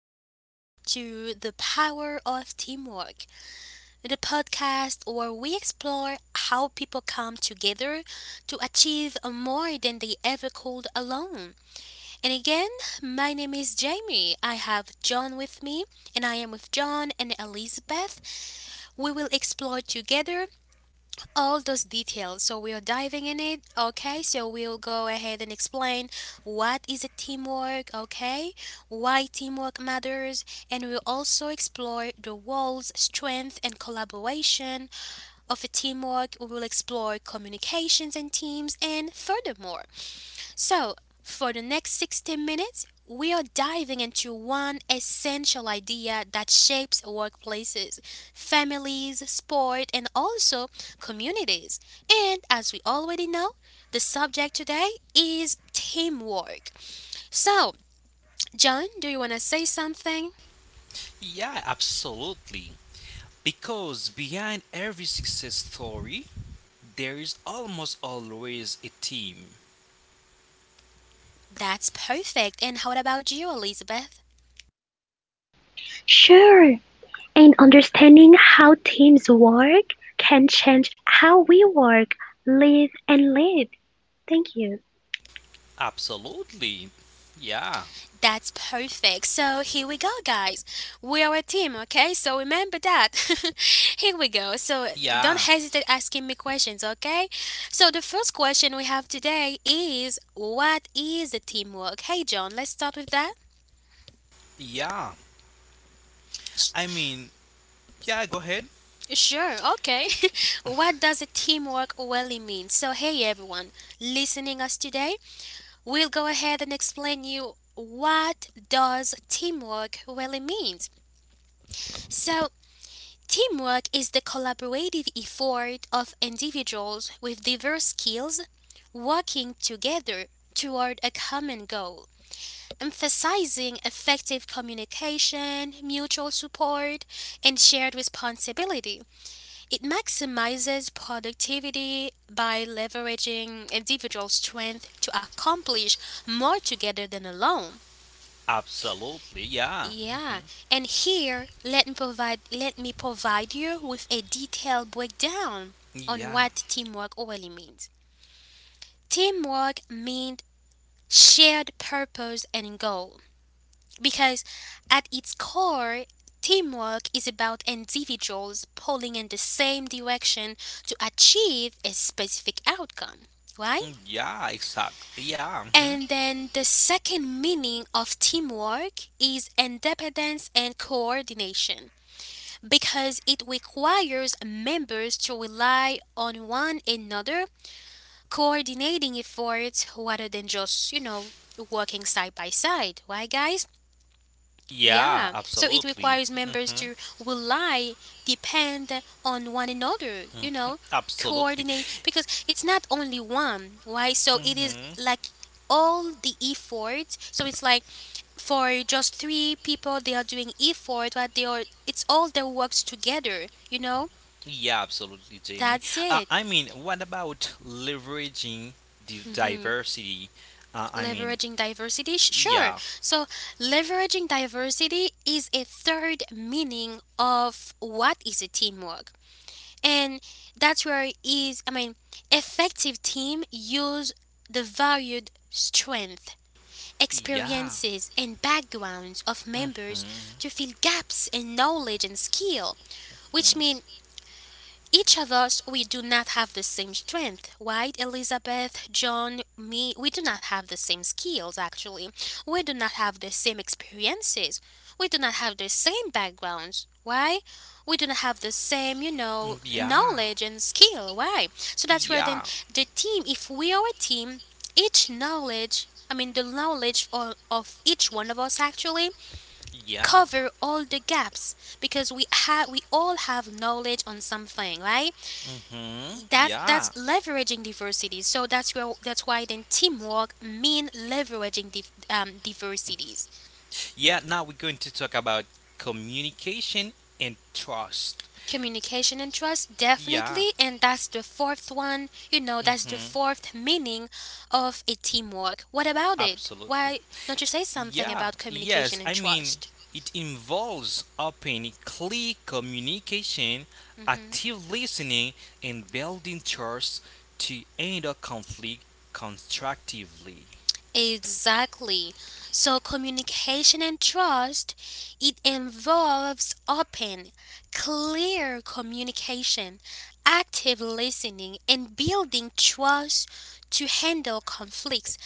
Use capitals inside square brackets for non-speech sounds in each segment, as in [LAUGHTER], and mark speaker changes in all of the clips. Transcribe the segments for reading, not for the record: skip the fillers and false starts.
Speaker 1: welcome back to The Power of Teamwork, the podcast where we explore how people come together to achieve more than they ever could alone. And again, my name is Jamie. I have John with me, and I am with John and Elizabeth. We will explore together all those details. So we are diving in it. Okay, so we'll go ahead and explain what is a teamwork. Okay, why teamwork matters, and we'll also explore the roles, strength, and collaboration of a teamwork. We will explore communications and teams, and furthermore. So, for the next 60 minutes, we are diving into one essential idea that shapes workplaces, families, sport, and also communities. And as we already know, the subject today is teamwork. So, John, do you want to say something?
Speaker 2: Yeah, absolutely. Because behind every success story, there is almost always a team.
Speaker 1: That's perfect. And how about you, Elizabeth?
Speaker 3: Sure, and understanding how teams work can change how we work, live, and live. Thank you.
Speaker 2: Absolutely. Yeah,
Speaker 1: That's perfect. So here we go, guys. We are a team, okay? So remember that. [LAUGHS] Here we go. So don't
Speaker 2: yeah,
Speaker 1: hesitate asking me questions, okay? So the first question we have today is what is the teamwork? Hey, John, let's start with that.
Speaker 2: yeah.
Speaker 1: Sh-
Speaker 2: I mean, yeah, go ahead.
Speaker 1: Sure, okay. [LAUGHS] What does a teamwork really mean? So, hey everyone, listening us today, we'll go ahead and explain you what does teamwork really means. So, teamwork is the collaborative effort of individuals with diverse skills working together toward a common goal, emphasizing effective communication, mutual support, and shared responsibility. It maximizes productivity by leveraging individual strength to accomplish more together than alone.
Speaker 2: Absolutely, yeah,
Speaker 1: Yeah, and here let me provide you with a detailed breakdown on
Speaker 2: yeah.
Speaker 1: what teamwork really means. Teamwork means shared purpose and goal because at its core teamwork is about individuals pulling in the same direction to achieve a specific outcome, right?
Speaker 2: Yeah, exact. Yeah, mhm.
Speaker 1: And then the second meaning of teamwork is independence and coordination because it requires members to rely on one another, coordinating efforts rather than just, working side by side. Right, guys?
Speaker 2: Yeah,
Speaker 1: Yeah. So it
Speaker 2: absolutely.
Speaker 1: requires members
Speaker 2: hmm
Speaker 1: to rely, depend on one another, you know,
Speaker 2: Absolutely.
Speaker 1: coordinate because it's not only one, right? So it is
Speaker 2: hmm
Speaker 1: like all the effort so it's like for just three people they are doing effort but they are it's all their works together.
Speaker 2: Yeah, absolutely, Jamie.
Speaker 1: That's it.
Speaker 2: What about leveraging the
Speaker 1: hmm
Speaker 2: diversity? Uh, I mean,
Speaker 1: Leveraging diversity, sure.
Speaker 2: Yeah,
Speaker 1: So, leveraging diversity is a third meaning of what is a teamwork, and that's where it is. I mean, effective team use the valued strength,
Speaker 2: yeah.
Speaker 1: experiences, and backgrounds of members
Speaker 2: Mhm.
Speaker 1: to fill gaps in knowledge and skill, which mean
Speaker 2: Mhm.
Speaker 1: each of us, we do not have the same strength, right, Elizabeth, John, me? We do not have the same skills, actually. We do not have the same experiences. We do not have the same backgrounds. Why? We do not have the same, you know,
Speaker 2: Yeah.
Speaker 1: knowledge and skill. Why? So that's where then
Speaker 2: Yeah.
Speaker 1: the team, if we are a team, each knowledge, I mean, the knowledge of each one of us actually
Speaker 2: Yeah.
Speaker 1: cover all the gaps because we all have knowledge on something, right?
Speaker 2: Mhm.
Speaker 1: That's
Speaker 2: Yeah.
Speaker 1: leveraging diversity. So that's where that's why then teamwork mean leveraging diversities.
Speaker 2: Yeah, now we're going to talk about communication and trust.
Speaker 1: Communication and trust
Speaker 2: Yeah.
Speaker 1: definitely, and that's the fourth one. You know, that's the
Speaker 2: Mhm.
Speaker 1: fourth meaning of a teamwork. What about it?
Speaker 2: Absolutely.
Speaker 1: Why don't you say something
Speaker 2: Yeah.
Speaker 1: about communication
Speaker 2: Yes,
Speaker 1: and trust?
Speaker 2: it involves open clear communication,
Speaker 1: Mm-hmm.
Speaker 2: active listening and building trust to end a conflict constructively.
Speaker 1: Exactly. So communication and trust, it involves open, clear communication, active listening and building trust to handle conflicts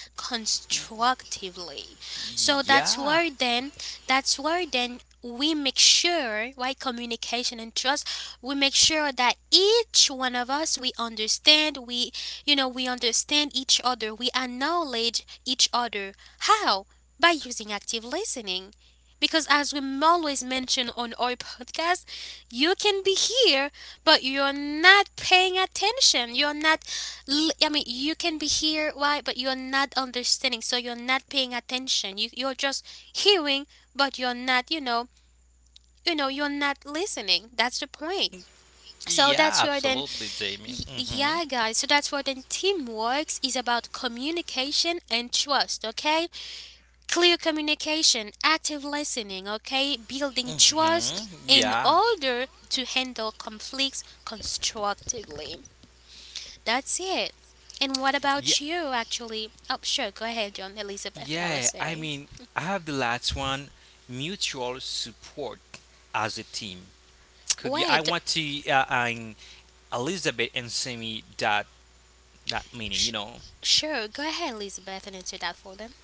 Speaker 2: Y-
Speaker 1: constructively. So that's
Speaker 2: Yeah.
Speaker 1: where then that's where then we make sure why communication and trust we make sure that each one of us we understand each other, we acknowledge each other. How? By using active listening. Because as we always mention on our podcast, you can be here, but you're not paying attention. You're not, I mean, you can be here, why? But you're not understanding, so you're not paying attention. You're just hearing, but you're not, you're not listening. That's the point. So
Speaker 2: Yeah,
Speaker 1: that's where then
Speaker 2: absolutely, Jamie. Mhm.
Speaker 1: Yeah, guys. So that's what then teamwork is about communication and trust, okay? Clear communication, active listening, okay? Building trust
Speaker 2: Mhm.
Speaker 1: in
Speaker 2: Yeah.
Speaker 1: order to handle conflicts constructively. That's it. And what
Speaker 2: Yeah.
Speaker 1: about you, actually? Oh, sure. Go ahead, John. Elizabeth, I was
Speaker 2: Yeah.
Speaker 1: saying.
Speaker 2: I have the last one, mutual support as a team. Could you? I
Speaker 1: Wait.
Speaker 2: want to. And Elizabeth and Sammy that meaning. You
Speaker 1: Sh-
Speaker 2: know.
Speaker 1: sure. Go ahead, Elizabeth, and answer that for them.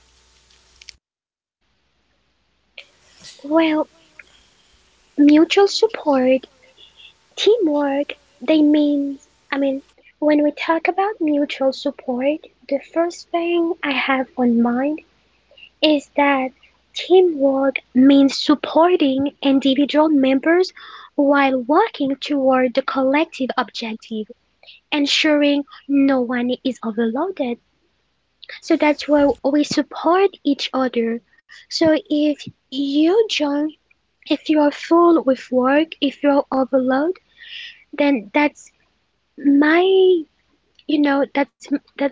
Speaker 3: Well, mutual support, teamwork, they mean, I mean, when we talk about mutual support, the first thing I have on mind is that teamwork means supporting individual members while working toward the collective objective, ensuring no one is overloaded. So that's why we support each other. So if you join, if you're full with work, if you're overloaded, then that's my, you know, that's that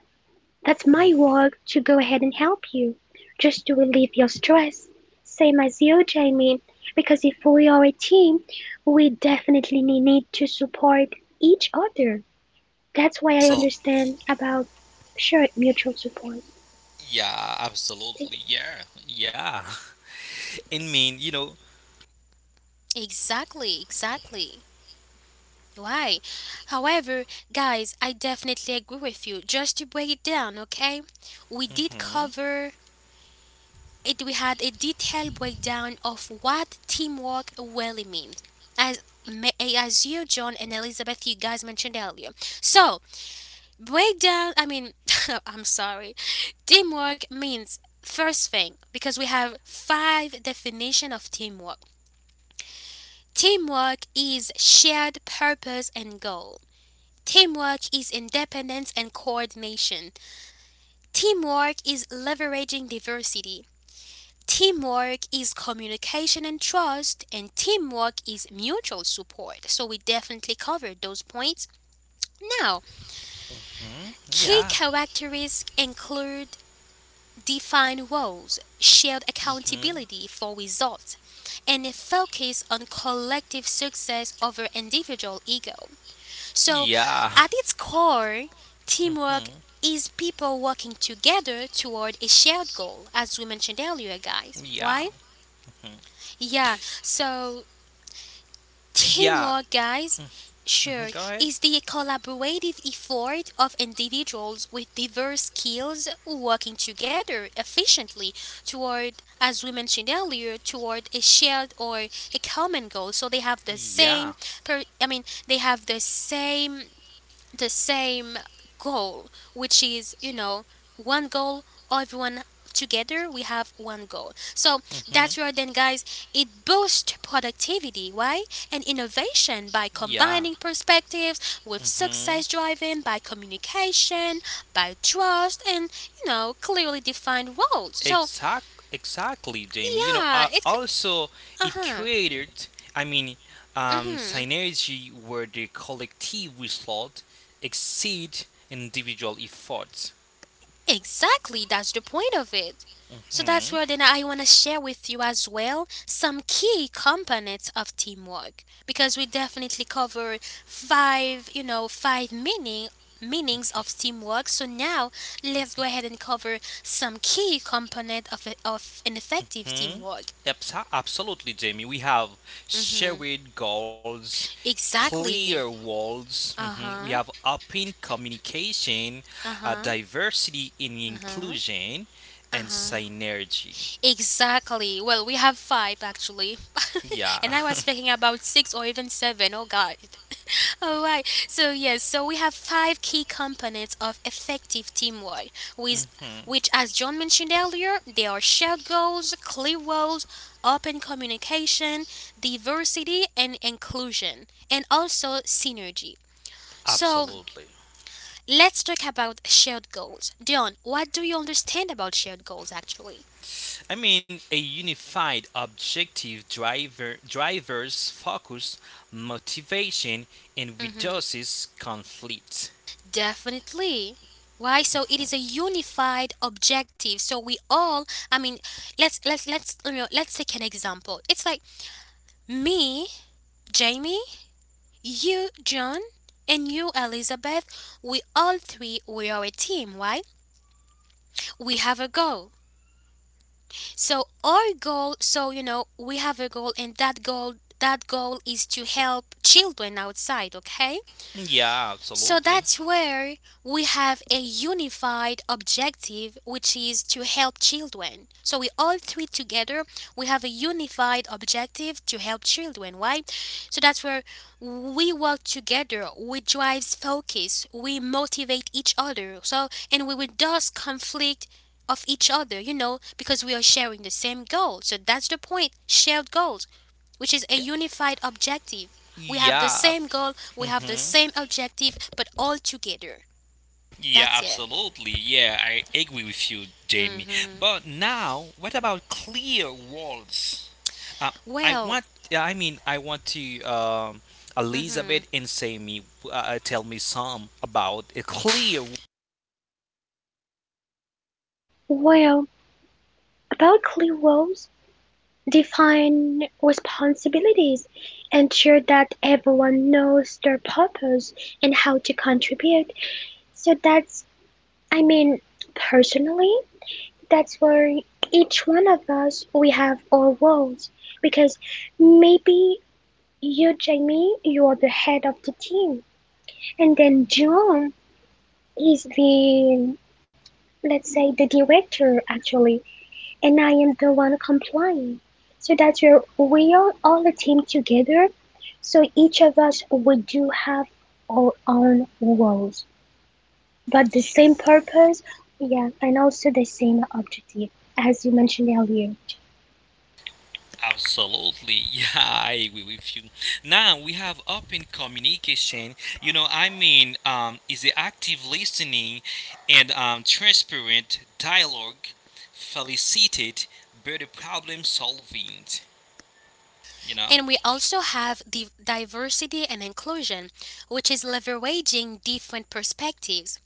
Speaker 3: that's my work
Speaker 2: hmm
Speaker 3: to go ahead and help you, just to relieve your stress. Same as you, Jamie. Because if we are a team, we definitely need to support each other. That's why I
Speaker 2: So.
Speaker 3: understand about shared mutual support.
Speaker 2: Yeah.
Speaker 3: Thank
Speaker 2: Absolutely.
Speaker 3: you.
Speaker 2: Yeah. Yeah. [LAUGHS] and mean. You know.
Speaker 1: Exactly, exactly. Why? However, guys, I definitely agree with you. Just to break it down, okay? We did
Speaker 2: Mhm.
Speaker 1: cover it, we had a detailed breakdown of what teamwork really means. As, as you, John, and Elizabeth, you guys mentioned earlier. So, breakdown, I mean, [LAUGHS] I'm sorry. Teamwork means first thing, because we have five definition of teamwork. Teamwork is shared purpose and goal. Teamwork is independence and coordination. Teamwork is leveraging diversity. Teamwork is communication and trust, and teamwork is mutual support. So, we definitely covered those points. Now,
Speaker 2: Mhm.
Speaker 1: key
Speaker 2: Yeah.
Speaker 1: characteristics include defined roles, shared
Speaker 2: Mhm.
Speaker 1: accountability for results, and a focus on collective success over individual ego. So,
Speaker 2: Yeah.
Speaker 1: at its core, teamwork
Speaker 2: Mhm.
Speaker 1: is people working together toward a shared goal, as we mentioned earlier, guys,
Speaker 2: Yeah.
Speaker 1: right? Yeah, so
Speaker 2: Yeah.
Speaker 1: teamwork, guys, sure,
Speaker 2: Mhm. Go ahead.
Speaker 1: is the collaborative effort of individuals with diverse skills working together efficiently toward, as we mentioned earlier, toward a shared or a common goal. So they have the
Speaker 2: Yeah.
Speaker 1: same, I mean, they have the same goal, which is, you know, one goal, everyone together, we have one goal. So
Speaker 2: hmm
Speaker 1: that's where then, guys, it boosts productivity, why? And innovation by
Speaker 2: Yeah.
Speaker 1: combining perspectives with
Speaker 2: hmm
Speaker 1: success driven by communication, by trust, and, you know, clearly defined roles. So,
Speaker 2: Exact. Exactly, Jamie. You know,
Speaker 1: yeah, it.
Speaker 2: also
Speaker 1: Uh
Speaker 2: it
Speaker 1: huh.
Speaker 2: created. I mean,
Speaker 1: Mm hmm.
Speaker 2: synergy where the collective result exceed individual efforts.
Speaker 1: Exactly, that's the point of it. So that's
Speaker 2: hmm
Speaker 1: where then I want to share with you as well some key components of teamwork because we definitely cover five, you know, five meanings of teamwork. So now let's go ahead and cover some key component of a, of an effective
Speaker 2: hmm
Speaker 1: teamwork.
Speaker 2: Absolutely, Jamie. We have
Speaker 1: Mhm.
Speaker 2: shared goals, clear
Speaker 1: Exactly.
Speaker 2: walls. Mhm, We have
Speaker 1: Uh-huh.
Speaker 2: open communication,
Speaker 1: Uh-huh.
Speaker 2: diversity in
Speaker 1: Uh-huh.
Speaker 2: inclusion, and
Speaker 1: Uh-huh.
Speaker 2: synergy.
Speaker 1: Exactly. Well, we have five actually. [LAUGHS]
Speaker 2: Yeah,
Speaker 1: And I was thinking about six or even seven. Oh, God. [LAUGHS] All right. So, yes, so we have five key components of effective teamwork, with,
Speaker 2: [LAUGHS] hmm
Speaker 1: which, as John mentioned earlier, they are shared goals, clear roles, open communication, diversity and inclusion, and also synergy. So,
Speaker 2: absolutely.
Speaker 1: let's talk about shared goals. Dion, what do you understand about shared goals actually?
Speaker 2: A unified objective drivers focus motivation and
Speaker 1: Mm-hmm.
Speaker 2: reduces conflict.
Speaker 1: Definitely. Why? So it is a unified objective. So we all, I mean, let's take an example. It's like me, Jamie, you, John, and you, Elizabeth. We all three we are a team, right? We have a goal. So our goal, so you know, we have a goal, and that goal is to help children outside. Okay.
Speaker 2: Yeah,
Speaker 1: So
Speaker 2: absolutely.
Speaker 1: that's where we have a unified objective, which is to help children. So we all three together, we have a unified objective to help children, right? So that's where we work together, we drives focus, we motivate each other. So and we reduce conflict of each other, you know, because we are sharing the same goal. So that's the point, shared goals which is a unified objective. We have the
Speaker 2: Yeah,
Speaker 1: same goal, we have the
Speaker 2: mhm.
Speaker 1: same objective, but all together.
Speaker 2: Yeah,
Speaker 1: That's it.
Speaker 2: absolutely. Yeah, I agree with you, Jamie.
Speaker 1: hmm
Speaker 2: But now, what about clear walls? Uh, I
Speaker 1: Well,
Speaker 2: want. I want to.
Speaker 1: hmm
Speaker 2: Elizabeth and Sammy, tell me some about a clear.
Speaker 3: Well, about clear roles, define responsibilities, ensure that everyone knows their purpose and how to contribute. So I mean, personally, that's where each one of us we have our roles because maybe you, Jamie, you are the head of the team, and then John is the, let's say, the director actually, and I am the one complying, so that we are all a team together. So each of us we do have our own roles, but the same purpose. Yeah, and also the same objective, as you mentioned earlier.
Speaker 2: Absolutely, [LAUGHS] yeah, I agree with you. Now we have open communication. Is the active listening and transparent dialogue facilitate better problem solving? You know?
Speaker 1: and we also have the diversity and inclusion, which is leveraging different perspectives,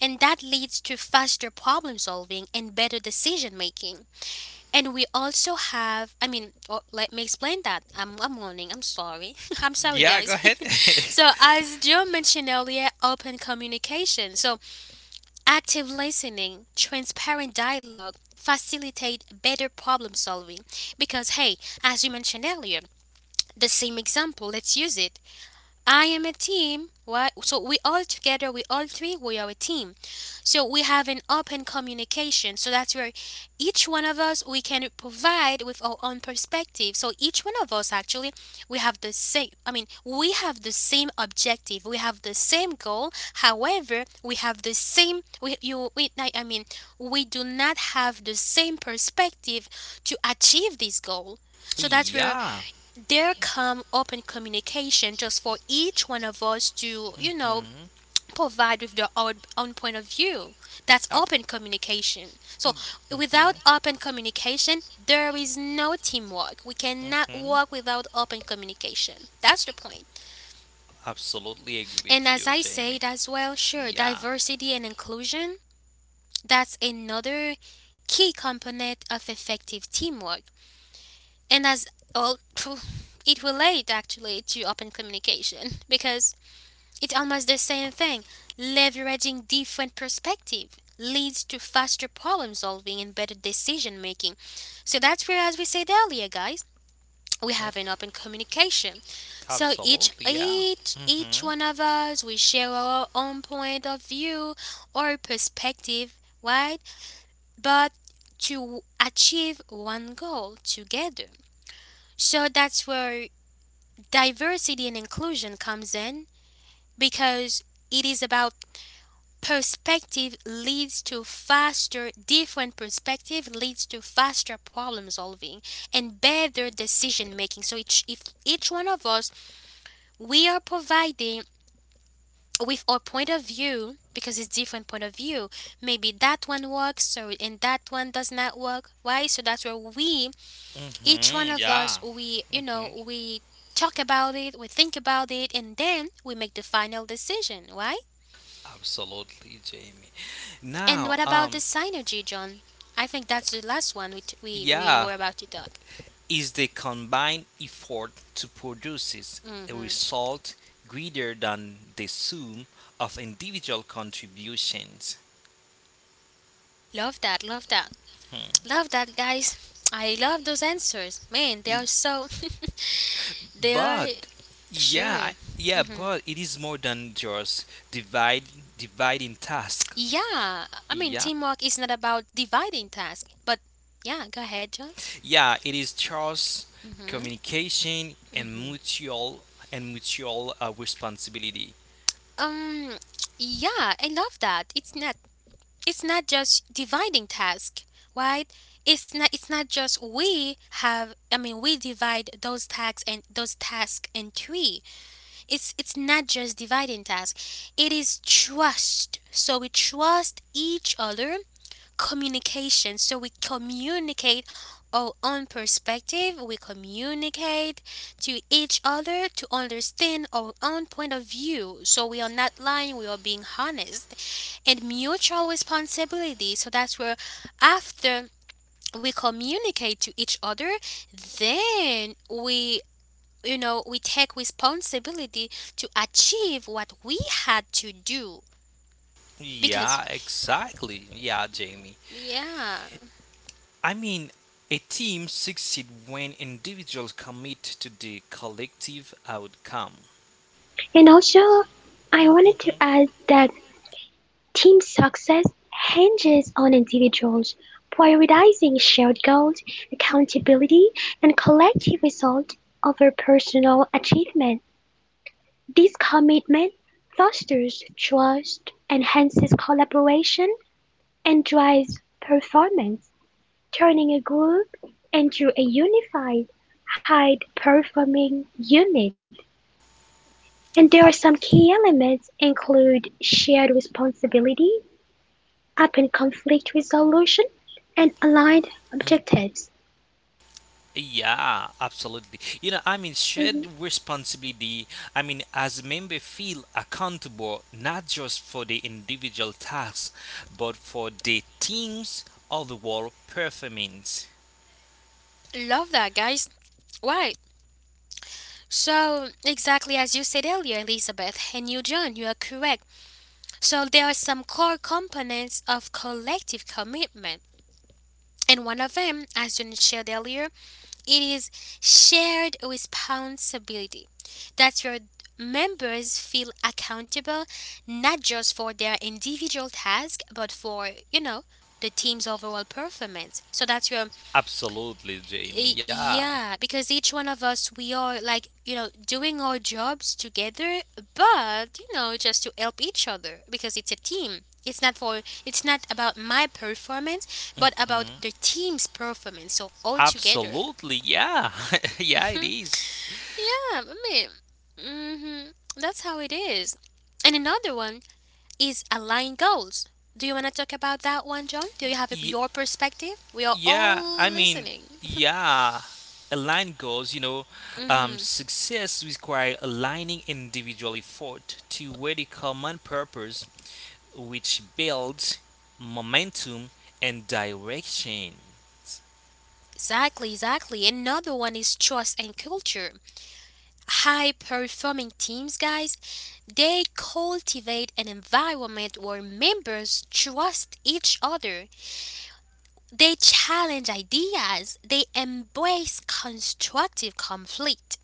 Speaker 1: and that leads to faster problem solving and better decision making. And we also have, I mean, oh, let me explain that. I'm warning, I'm sorry. [LAUGHS] I'm sorry,
Speaker 2: Yeah, go
Speaker 1: guys.
Speaker 2: ahead.
Speaker 1: [LAUGHS]
Speaker 2: [LAUGHS]
Speaker 1: So, as Joe mentioned earlier, open communication. So, active listening, transparent dialogue facilitate better problem solving. Because, hey, as you mentioned earlier, the same example, let's use it. I am a team. What? So we all together, we all three, we are a team. So we have an open communication. So that's where each one of us we can provide with our own perspective. So each one of us actually we have the same. I mean, we have the same objective. We have the same goal. However, we have the same. We you. We, I mean, we do not have the same perspective to achieve this goal. So that's where
Speaker 2: Yeah.
Speaker 1: there come open communication just for each one of us to you know
Speaker 2: hmm
Speaker 1: provide with their own point of view. That's open
Speaker 2: hmm
Speaker 1: communication. So without open communication there is no teamwork. We cannot
Speaker 2: hmm
Speaker 1: work without open communication. That's the point.
Speaker 2: Absolutely agree
Speaker 1: And
Speaker 2: with
Speaker 1: as
Speaker 2: you,
Speaker 1: I
Speaker 2: Jamie.
Speaker 1: said as well, sure,
Speaker 2: Yeah.
Speaker 1: diversity and inclusion, that's another key component of effective teamwork and as all [LAUGHS] [SNIFFS] it relates actually to open communication [LAUGHS] because it's almost the same thing. Leveraging different perspective leads to faster problem solving and better decision making. So that's where, as we said earlier, guys, we have an open communication. So each
Speaker 2: Absolutely. Yeah.
Speaker 1: each each
Speaker 2: hmm
Speaker 1: one of us we share our own, point of view or perspective, right? But to achieve one goal together. So that's where diversity and inclusion comes in, because it is about perspective leads to faster different perspective leads to faster problem solving and better decision making. So if each one of us, we are providing with our point of view, because it's different point of view. Maybe that one works, so and that one does not work. Why? So that's where we each one of
Speaker 2: Yeah.
Speaker 1: us, we you
Speaker 2: hmm
Speaker 1: know we talk about it, we think about it, and then we make the final decision. Why?
Speaker 2: Absolutely, Jamie.
Speaker 1: And
Speaker 2: Now,
Speaker 1: what about
Speaker 2: um,
Speaker 1: the synergy, John? I think that's the last one we t- we
Speaker 2: yeah,
Speaker 1: were about to talk.
Speaker 2: is the combined effort to produce a
Speaker 1: Hmm.
Speaker 2: result greater than the sum of individual contributions.
Speaker 1: Love that, love that,
Speaker 2: Hmm.
Speaker 1: love that, guys. I love those answers, man. They are
Speaker 2: Y-
Speaker 1: so, [LAUGHS] they are
Speaker 2: But yeah,
Speaker 1: sure.
Speaker 2: yeah,
Speaker 1: Hmm.
Speaker 2: but it is more than just divide dividing task.
Speaker 1: Yeah, I mean
Speaker 2: Yeah,
Speaker 1: teamwork is not about dividing tasks, but yeah, go ahead, John.
Speaker 2: yeah, it is trust,
Speaker 1: Hmm.
Speaker 2: communication, and mutual responsibility.
Speaker 1: Um, yeah, I love that. It's not just dividing task, right? It's not just we have I mean we divide those tasks and those tasks in three. It's not just dividing task. It is trust, so we trust each other. Communication. So we communicate our own perspective, we communicate to each other to understand our own point of view. So we are not lying, we are being honest. And mutual responsibility. So that's where after we communicate to each other, then we you know we take responsibility to achieve what we had to do, because
Speaker 2: Yeah, exactly. Yeah, Jamie.
Speaker 1: yeah.
Speaker 2: I mean, a team succeeds when individuals commit to the collective outcome.
Speaker 3: And also, I wanted to
Speaker 2: Mhm.
Speaker 3: add that team success hinges on individuals prioritizing shared goals, accountability, and collective results over personal achievement. This commitment fosters trust, enhances collaboration, and drives performance, turning a group into a unified, high performing unit. And there are some
Speaker 2: Ab-
Speaker 3: key elements include shared responsibility, upon conflict resolution and aligned objectives.
Speaker 2: yeah, absolutely. You know, shared
Speaker 3: Mhm.
Speaker 2: responsibility. As members feel accountable not just for the individual tasks, but for the team's overall performance.
Speaker 1: Love that, guys. Why? So, exactly as you said earlier, Elizabeth, and you, John, you are correct. So, there are some core components of collective commitment. And one of them, as John shared earlier, it is shared responsibility. That your members feel accountable not just for their individual task, but for, you know, the team's overall performance. So that's your...
Speaker 2: Absolutely, Jamie. Yeah.
Speaker 1: Yeah, because each one of us, we are like, you know, doing our jobs together, but, you know, just to help each other, because it's a team. It's not for, it's not about my performance, but about the team's performance. So all together.
Speaker 2: Absolutely. Yeah. [LAUGHS] yeah, it is.
Speaker 1: Yeah, I mean, hmm that's how it is. And another one is align goals. Do you want to talk about that one, John? Do you have
Speaker 2: Y-
Speaker 1: your perspective? We are
Speaker 2: Yeah,
Speaker 1: all listening.
Speaker 2: yeah. Align goals, you know,
Speaker 1: [LAUGHS]
Speaker 2: success require aligning individual effort to a common purpose, which builds momentum and direction.
Speaker 1: Exactly, exactly. Another one is trust and culture. High performing teams, guys, they cultivate an environment where members trust each other. They challenge ideas, they embrace constructive conflict.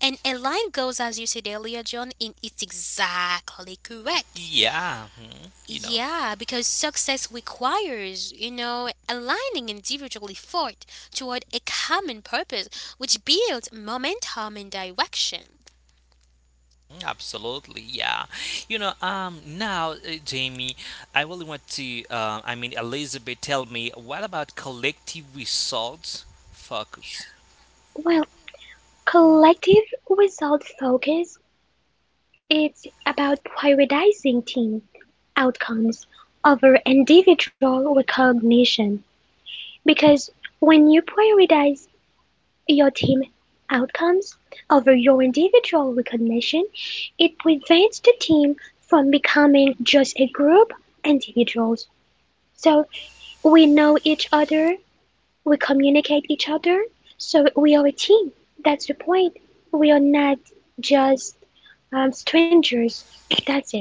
Speaker 1: And align goals, as you said earlier, John, in it's exactly correct.
Speaker 2: Yeah, mhm, you know,
Speaker 1: Yeah, because success requires, you know, aligning individual effort toward a common purpose, which builds momentum and direction.
Speaker 2: mhm, absolutely, yeah. You know, um, now, uh, Jamie, I really want to, Elizabeth, tell me, what about collective results focus?
Speaker 3: Well, collective result focus is about prioritizing team outcomes over individual recognition, because when you prioritize your team outcomes over your individual recognition, it prevents the team from becoming just a group of individuals. So we know each other, we communicate each other, so we are a team. That's the point. We are not just strangers. That's it.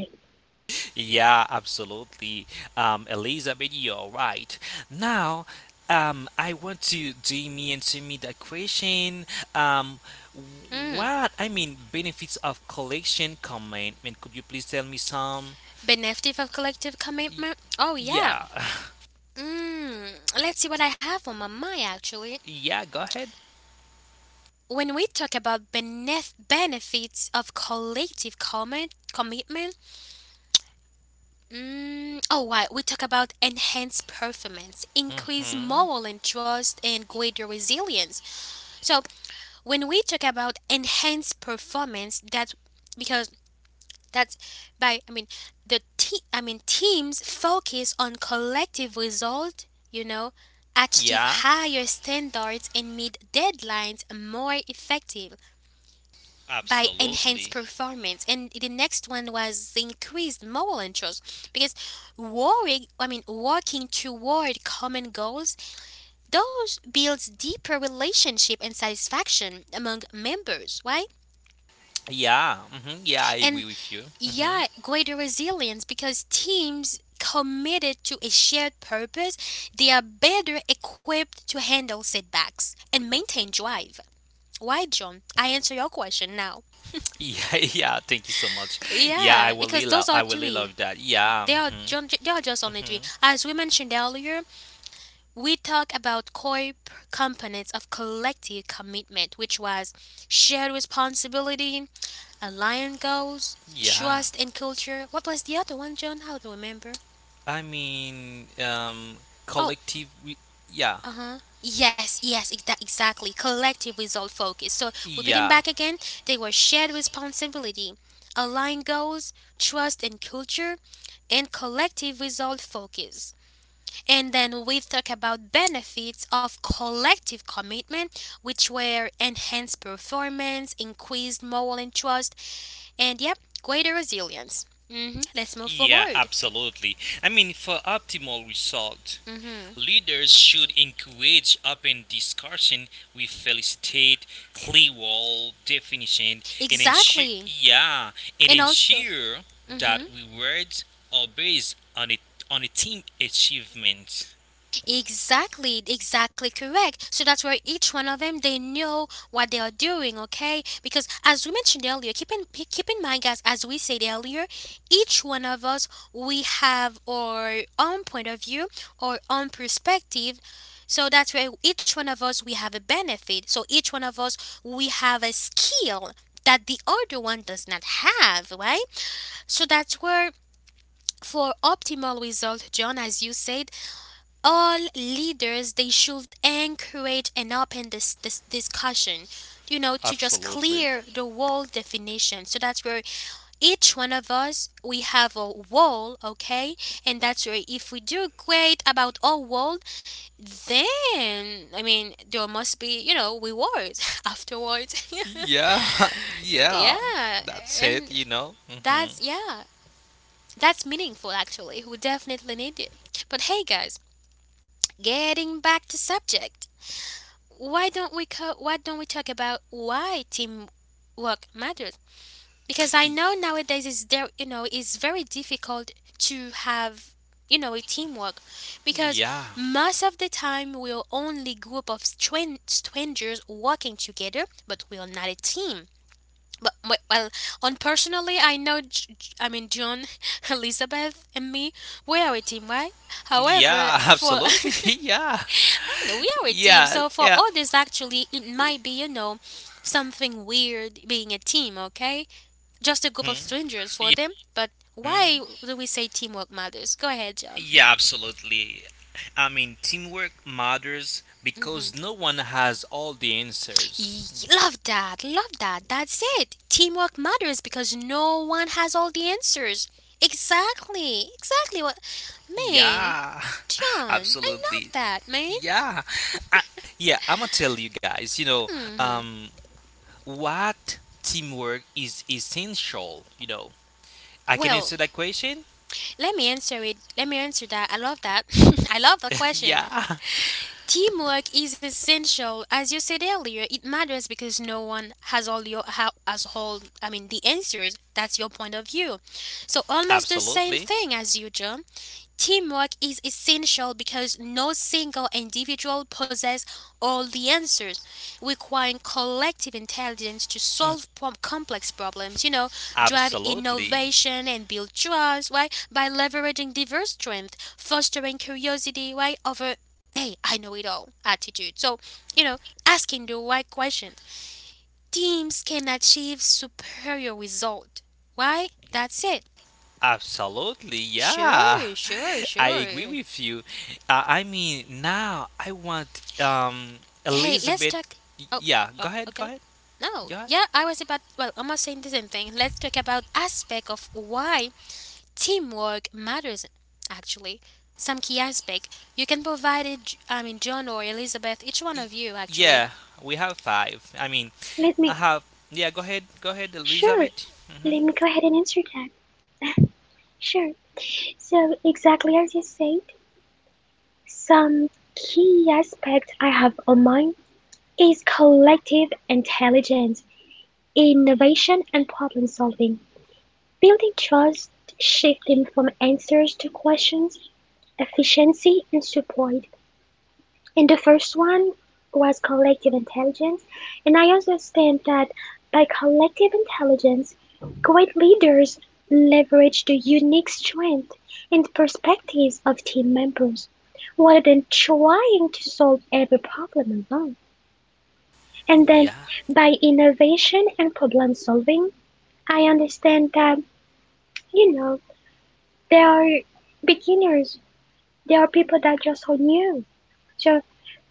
Speaker 2: Yeah, absolutely. Elizabeth, you're right. Now, I want to Jamie and Timmy that question. Um,
Speaker 1: Mm.
Speaker 2: what I mean, benefits of collection commitment? Could you please tell me some?
Speaker 1: Benefit of collective commitment? Oh, yeah.
Speaker 2: Yeah,
Speaker 1: Mm. Let's see what I have on my mind, actually.
Speaker 2: [LAUGHS] yeah. Go ahead.
Speaker 1: When we talk about benefits of collective commitment, oh, why? We talk about enhanced performance, increased
Speaker 2: Mm-hmm.
Speaker 1: moral and trust, and greater resilience. So, when we talk about enhanced performance, that's because that's by I mean the te- I mean teams focus on collective result, you know, achieve
Speaker 2: Yeah,
Speaker 1: higher standards and meet deadlines more effective by enhanced
Speaker 2: absolutely.
Speaker 1: performance. And the next one was increased moral interest, because working I mean working toward common goals, those builds deeper relationship and satisfaction among members, right?
Speaker 2: Yeah, mm-hmm. Yeah. I
Speaker 1: And
Speaker 2: agree with you. Mm-hmm.
Speaker 1: yeah, greater resilience, because teams committed to a shared purpose, they are better equipped to handle setbacks and maintain drive. Why, John? I answer your question now.
Speaker 2: Yeah, [LAUGHS] yeah. Thank you so much. Yeah, I
Speaker 1: Yeah,
Speaker 2: will.
Speaker 1: because
Speaker 2: Really
Speaker 1: those
Speaker 2: love,
Speaker 1: are
Speaker 2: I will really
Speaker 1: three.
Speaker 2: love that. Yeah.
Speaker 1: They are,
Speaker 2: Mm-hmm.
Speaker 1: John. They are just only three.
Speaker 2: Mm-hmm.
Speaker 1: As we mentioned earlier, we talk about core components of collective commitment, which was shared responsibility, aligned goals,
Speaker 2: Yeah.
Speaker 1: trust, and culture. What was the other one, John? How to remember?
Speaker 2: I mean, um,
Speaker 1: Oh.
Speaker 2: collective. We, yeah.
Speaker 1: Uh-huh. Yes, yes, exactly. Collective result focus. So, repeating
Speaker 2: Yeah.
Speaker 1: back again, they were shared responsibility, aligned goals, trust and culture, and collective result focus. And then we talk about benefits of collective commitment, which were enhanced performance, increased moral and trust, and yep, greater resilience. Hmm. Let's move
Speaker 2: Yeah,
Speaker 1: forward.
Speaker 2: absolutely. For optimal result,
Speaker 1: Hmm.
Speaker 2: leaders should encourage open discussion with felicitate clear wall definition and
Speaker 1: Exactly. And also,
Speaker 2: ensure that
Speaker 1: mm-hmm.
Speaker 2: rewards are based on it on a team achievement.
Speaker 1: Exactly, exactly correct. So that's where each one of them, they know what they are doing, okay? Because as we mentioned earlier, keep in mind, guys, as we said earlier, each one of us we have our own point of view, our own perspective. So that's where each one of us we have a benefit. So each one of us we have a skill that the other one does not have, right? So that's where for optimal result, John, as you said, all leaders they should encourage an open this discussion, you know, to just
Speaker 2: Absolutely.
Speaker 1: clear the wall definition, so that's where each one of us we have a wall, okay? And that's where if we do great about our wall, then I mean there must be, you know, rewards [LAUGHS] afterwards.
Speaker 2: Yeah, [LAUGHS]
Speaker 1: [LAUGHS]
Speaker 2: yeah,
Speaker 1: Yeah,
Speaker 2: that's it,
Speaker 1: and
Speaker 2: you know.
Speaker 1: that's, yeah, that's meaningful, actually. We definitely need it. But hey guys, getting back to subject, why don't we talk about why teamwork matters? Because I know nowadays is there, you know, it's very difficult to have, you know, a teamwork, because
Speaker 2: Yeah,
Speaker 1: most of the time we're only group of strangers working together, but we are not a team. But well, on personally I know John, [LAUGHS] Elizabeth, and me, we are a team, right? However,
Speaker 2: yeah, [LAUGHS]
Speaker 1: for [LAUGHS]
Speaker 2: absolutely. [LAUGHS] Yeah,
Speaker 1: I know we are a team.
Speaker 2: yeah,
Speaker 1: So for
Speaker 2: yeah.
Speaker 1: others, actually, it might be, you know, something weird being a team, okay? Just a group of
Speaker 2: Mhm,
Speaker 1: strangers for
Speaker 2: yeah,
Speaker 1: them. But why
Speaker 2: mhm.
Speaker 1: do we say teamwork matters? Go ahead, John.
Speaker 2: Yeah, absolutely. Teamwork matters
Speaker 1: Mm-hmm.
Speaker 2: because no one has all the answers.
Speaker 1: Love that. Love that. That's it. Teamwork matters because no one has all the answers. Exactly. Exactly what. Man,
Speaker 2: Yeah, [LAUGHS]
Speaker 1: John, I love
Speaker 2: absolutely.
Speaker 1: that, man.
Speaker 2: Yeah, I, yeah. I'm gonna tell you guys. You know,
Speaker 1: Hmm.
Speaker 2: um, what teamwork is essential. You know, I can
Speaker 1: Well,
Speaker 2: answer that question.
Speaker 1: let me answer it. Let me answer that. I love that. [LAUGHS] I love that question.
Speaker 2: Yeah,
Speaker 1: Teamwork is essential. As you said earlier, it matters because no one has all your ha- has all I mean the answers. That's your point of view. So
Speaker 2: [LAUGHS]
Speaker 1: almost the same
Speaker 2: absolutely.
Speaker 1: thing as you, John. Teamwork is essential because no single individual possesses all the answers, requiring collective intelligence to solve complex problems, you know, drive
Speaker 2: Absolutely.
Speaker 1: innovation and build trust, right? By leveraging diverse strengths, fostering curiosity, right? Over, hey, I know it all attitude. So, you know, asking the right questions. Teams can achieve superior result. Why? That's it.
Speaker 2: Absolutely. Yeah.
Speaker 1: Sure, sure,
Speaker 2: [LAUGHS] I agree
Speaker 1: sure.
Speaker 2: with you. I mean, now I want
Speaker 1: Hey, let's
Speaker 2: Elizabeth.
Speaker 1: talk. Oh.
Speaker 2: Yeah,
Speaker 1: Oh,
Speaker 2: go ahead, go
Speaker 1: okay.
Speaker 2: ahead.
Speaker 1: No,
Speaker 2: Go ahead.
Speaker 1: yeah, I was about. Well, I'm not saying the same thing. Let's talk about aspect of why teamwork matters. Actually, some key aspect you can provide it. I mean, John or Elizabeth, each one
Speaker 2: Y-
Speaker 1: of you, actually.
Speaker 2: Yeah, we have five. I mean,
Speaker 3: Let
Speaker 2: I
Speaker 3: me,
Speaker 2: have Yeah, go ahead. Go ahead,
Speaker 3: sure,
Speaker 2: Elizabeth.
Speaker 3: let
Speaker 2: Mhm.
Speaker 3: me go ahead and answer that. Sure. So, exactly as you said, some key aspect I have on mind is collective intelligence, innovation, and problem solving. Building trust, shifting from answers to questions, efficiency, and support. And the first one was collective intelligence. And I also understand that by collective intelligence, great leaders leverage the unique strength and perspectives of team members rather than trying to solve every problem alone. And then
Speaker 2: Yeah.
Speaker 3: by innovation and problem solving, I understand that, you know, there are beginners, there are people that just are new. So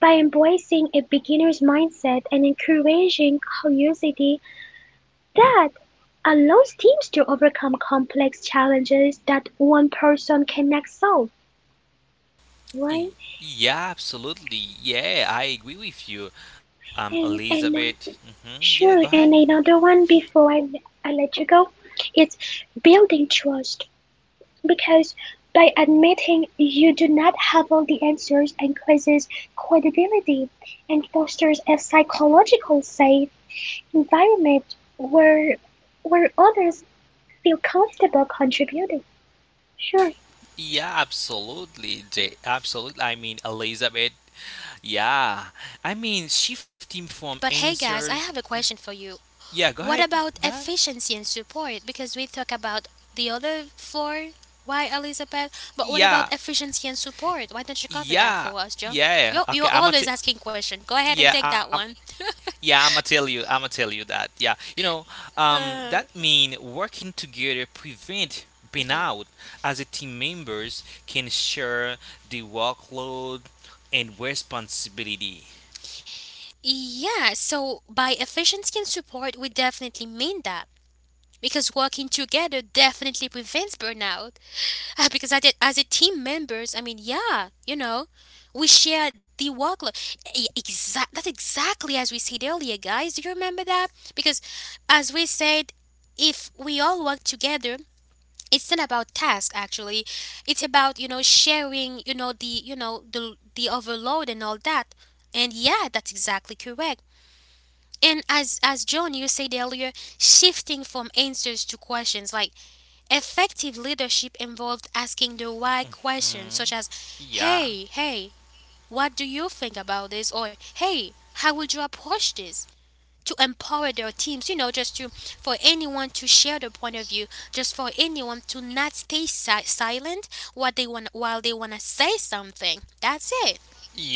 Speaker 3: by embracing a beginner's mindset and encouraging curiosity, that allows teams to overcome complex challenges that one person cannot solve,
Speaker 2: Y-
Speaker 3: right?
Speaker 2: Yeah, absolutely. Yeah, I agree with you,
Speaker 3: And
Speaker 2: Elizabeth. Yeah, go
Speaker 3: sure,
Speaker 2: ahead.
Speaker 3: and another one before I let you go, it's building trust, because by admitting you do not have all the answers increases credibility and fosters a psychological safe environment where others feel comfortable contributing. Sure.
Speaker 2: Yeah, absolutely. Absolutely. Elizabeth. Yeah, shifting from
Speaker 1: But hey guys, I
Speaker 2: answers.
Speaker 1: have a question for you.
Speaker 2: Yeah, go ahead.
Speaker 1: What
Speaker 2: Go
Speaker 1: about
Speaker 2: ahead.
Speaker 1: efficiency and support? Because we talk about the other four. Why, Elizabeth? But what
Speaker 2: Yeah,
Speaker 1: about efficiency and support? Why don't you cover that
Speaker 2: yeah,
Speaker 1: for us, John?
Speaker 2: yeah.
Speaker 1: You're
Speaker 2: Okay, I'm gonna.
Speaker 1: always
Speaker 2: T-
Speaker 1: asking questions. Go ahead and
Speaker 2: yeah,
Speaker 1: take
Speaker 2: I'm.
Speaker 1: that one.
Speaker 2: Yeah, I'ma tell you. I'ma tell you that. Yeah, you know, that
Speaker 1: Uh,
Speaker 2: mean working together prevent burnout as a team members can share the workload and responsibility.
Speaker 1: yeah, so by efficiency and support, we definitely mean that. Because working together definitely prevents burnout. [LAUGHS] Because I did, as a team members, I mean, yeah, you know, we share the workload. That's exactly as we said earlier, guys. Do you remember that? Because, as we said, if we all work together, it's not about task actually. It's about, you know, sharing, you know, the, you know, the overload and all that. And yeah, that's exactly correct. And as John, you said earlier, shifting from answers to questions, like, effective leadership involved asking the why
Speaker 2: Mhm.
Speaker 1: questions, such as,
Speaker 2: Yeah.
Speaker 1: hey, hey, what do you think about this? Or, hey, how would you approach this? To empower their teams, you know, just to for anyone to share their point of view, just for anyone to not stay silent what they want while they want to say something. That's it.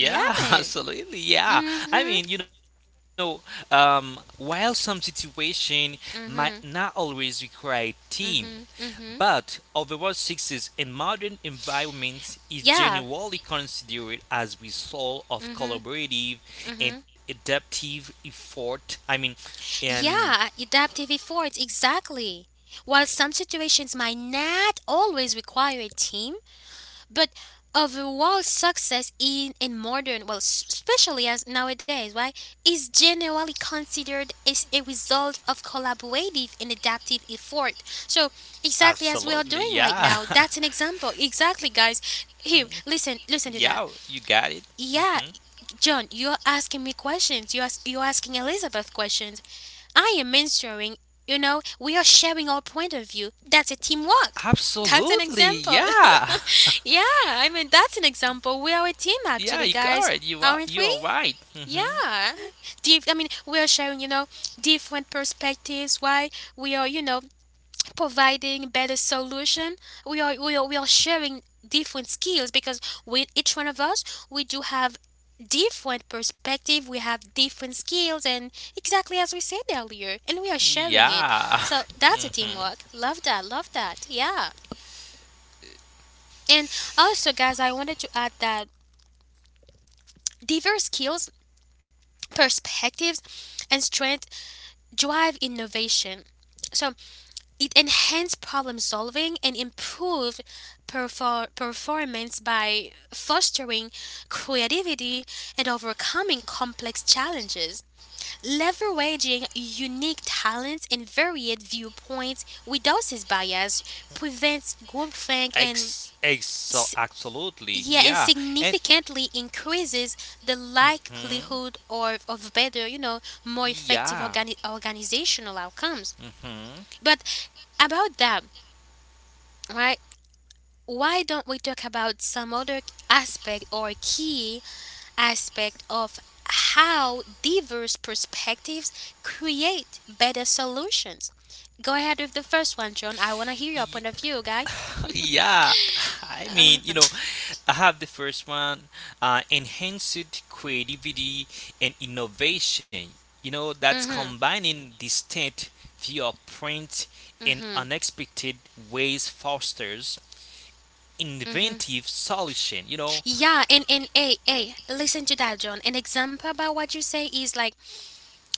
Speaker 1: Yeah,
Speaker 2: [LAUGHS]
Speaker 1: man.
Speaker 2: absolutely. Yeah. I
Speaker 1: Mhm.
Speaker 2: mean, you know, while some situation might not
Speaker 1: Mhm.
Speaker 2: always require a team,
Speaker 1: Mhm.
Speaker 2: but
Speaker 1: Mhm.
Speaker 2: overall success in modern environments is generally
Speaker 1: Yeah.
Speaker 2: considered as result of
Speaker 1: Mhm.
Speaker 2: collaborative and
Speaker 1: Mhm.
Speaker 2: adaptive effort. I mean, and
Speaker 1: Yeah, adaptive efforts, exactly. While some situations might not always require a team, but overall success in modern, well, especially as nowadays, right, is generally considered as a result of collaborative and adaptive effort. So, exactly as we
Speaker 2: absolutely,
Speaker 1: are doing
Speaker 2: yeah,
Speaker 1: right now, that's an example. Exactly, guys. Here, listen,
Speaker 2: [LAUGHS]
Speaker 1: listen to
Speaker 2: yeah,
Speaker 1: that.
Speaker 2: you got it. Mm-hmm.
Speaker 1: Yeah, John, you're asking me questions. You're asking Elizabeth questions. I am mentoring, you know, we are sharing our point of view. That's a teamwork. [LAUGHS] That's an
Speaker 2: Absolutely,
Speaker 1: example.
Speaker 2: yeah,
Speaker 1: [LAUGHS] Yeah, I mean, that's an example. We are a team,
Speaker 2: [LAUGHS] yeah,
Speaker 1: actually,
Speaker 2: you got
Speaker 1: guys,
Speaker 2: it.
Speaker 1: aren't
Speaker 2: You
Speaker 1: we?
Speaker 2: are right.
Speaker 1: Yeah. Deep, I mean, we are sharing, you know, different perspectives. Why, we are, you know, providing better solution. We are sharing different skills because with each one of us we do have different perspective. We have different skills and exactly as we said earlier, and we are sharing it.
Speaker 2: Yeah,
Speaker 1: So that's a
Speaker 2: [LAUGHS] hmm
Speaker 1: teamwork. Love that, love that. Yeah. And also, guys, I wanted to add that diverse skills, perspectives and strength drive innovation. So it enhanced problem solving and improved performance by fostering creativity and overcoming complex challenges. Leveraging unique talents and varied viewpoints reduces bias, prevents groupthink and
Speaker 2: Ex, ex,
Speaker 1: s-
Speaker 2: absolutely,
Speaker 1: yeah, and
Speaker 2: yeah, and
Speaker 1: significantly increases the
Speaker 2: mhm,
Speaker 1: likelihood or of better, more effective
Speaker 2: yeah,
Speaker 1: organizational outcomes.
Speaker 2: hmm
Speaker 1: But about that, right? Why don't we talk about some other aspect, or key aspect of how diverse perspectives create better solutions? Go ahead with the first one, John. I want to hear your
Speaker 2: y-
Speaker 1: point of view, guy. [LAUGHS]
Speaker 2: [LAUGHS] yeah. I
Speaker 1: Uh,
Speaker 2: mean, you know, I have the first one, enhanced creativity and innovation. You know, that's
Speaker 1: mhm,
Speaker 2: combining distinct viewpoint in
Speaker 1: mhm,
Speaker 2: unexpected ways fosters
Speaker 1: mhm.
Speaker 2: inventive solution, you know?
Speaker 1: Yeah, and hey, hey, listen to that, John. An example about what you say is like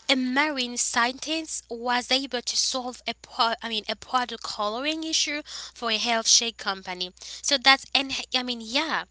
Speaker 1: a marine scientist was able to solve a I mean a product coloring issue for a health shake company. So that's, and I mean, yeah,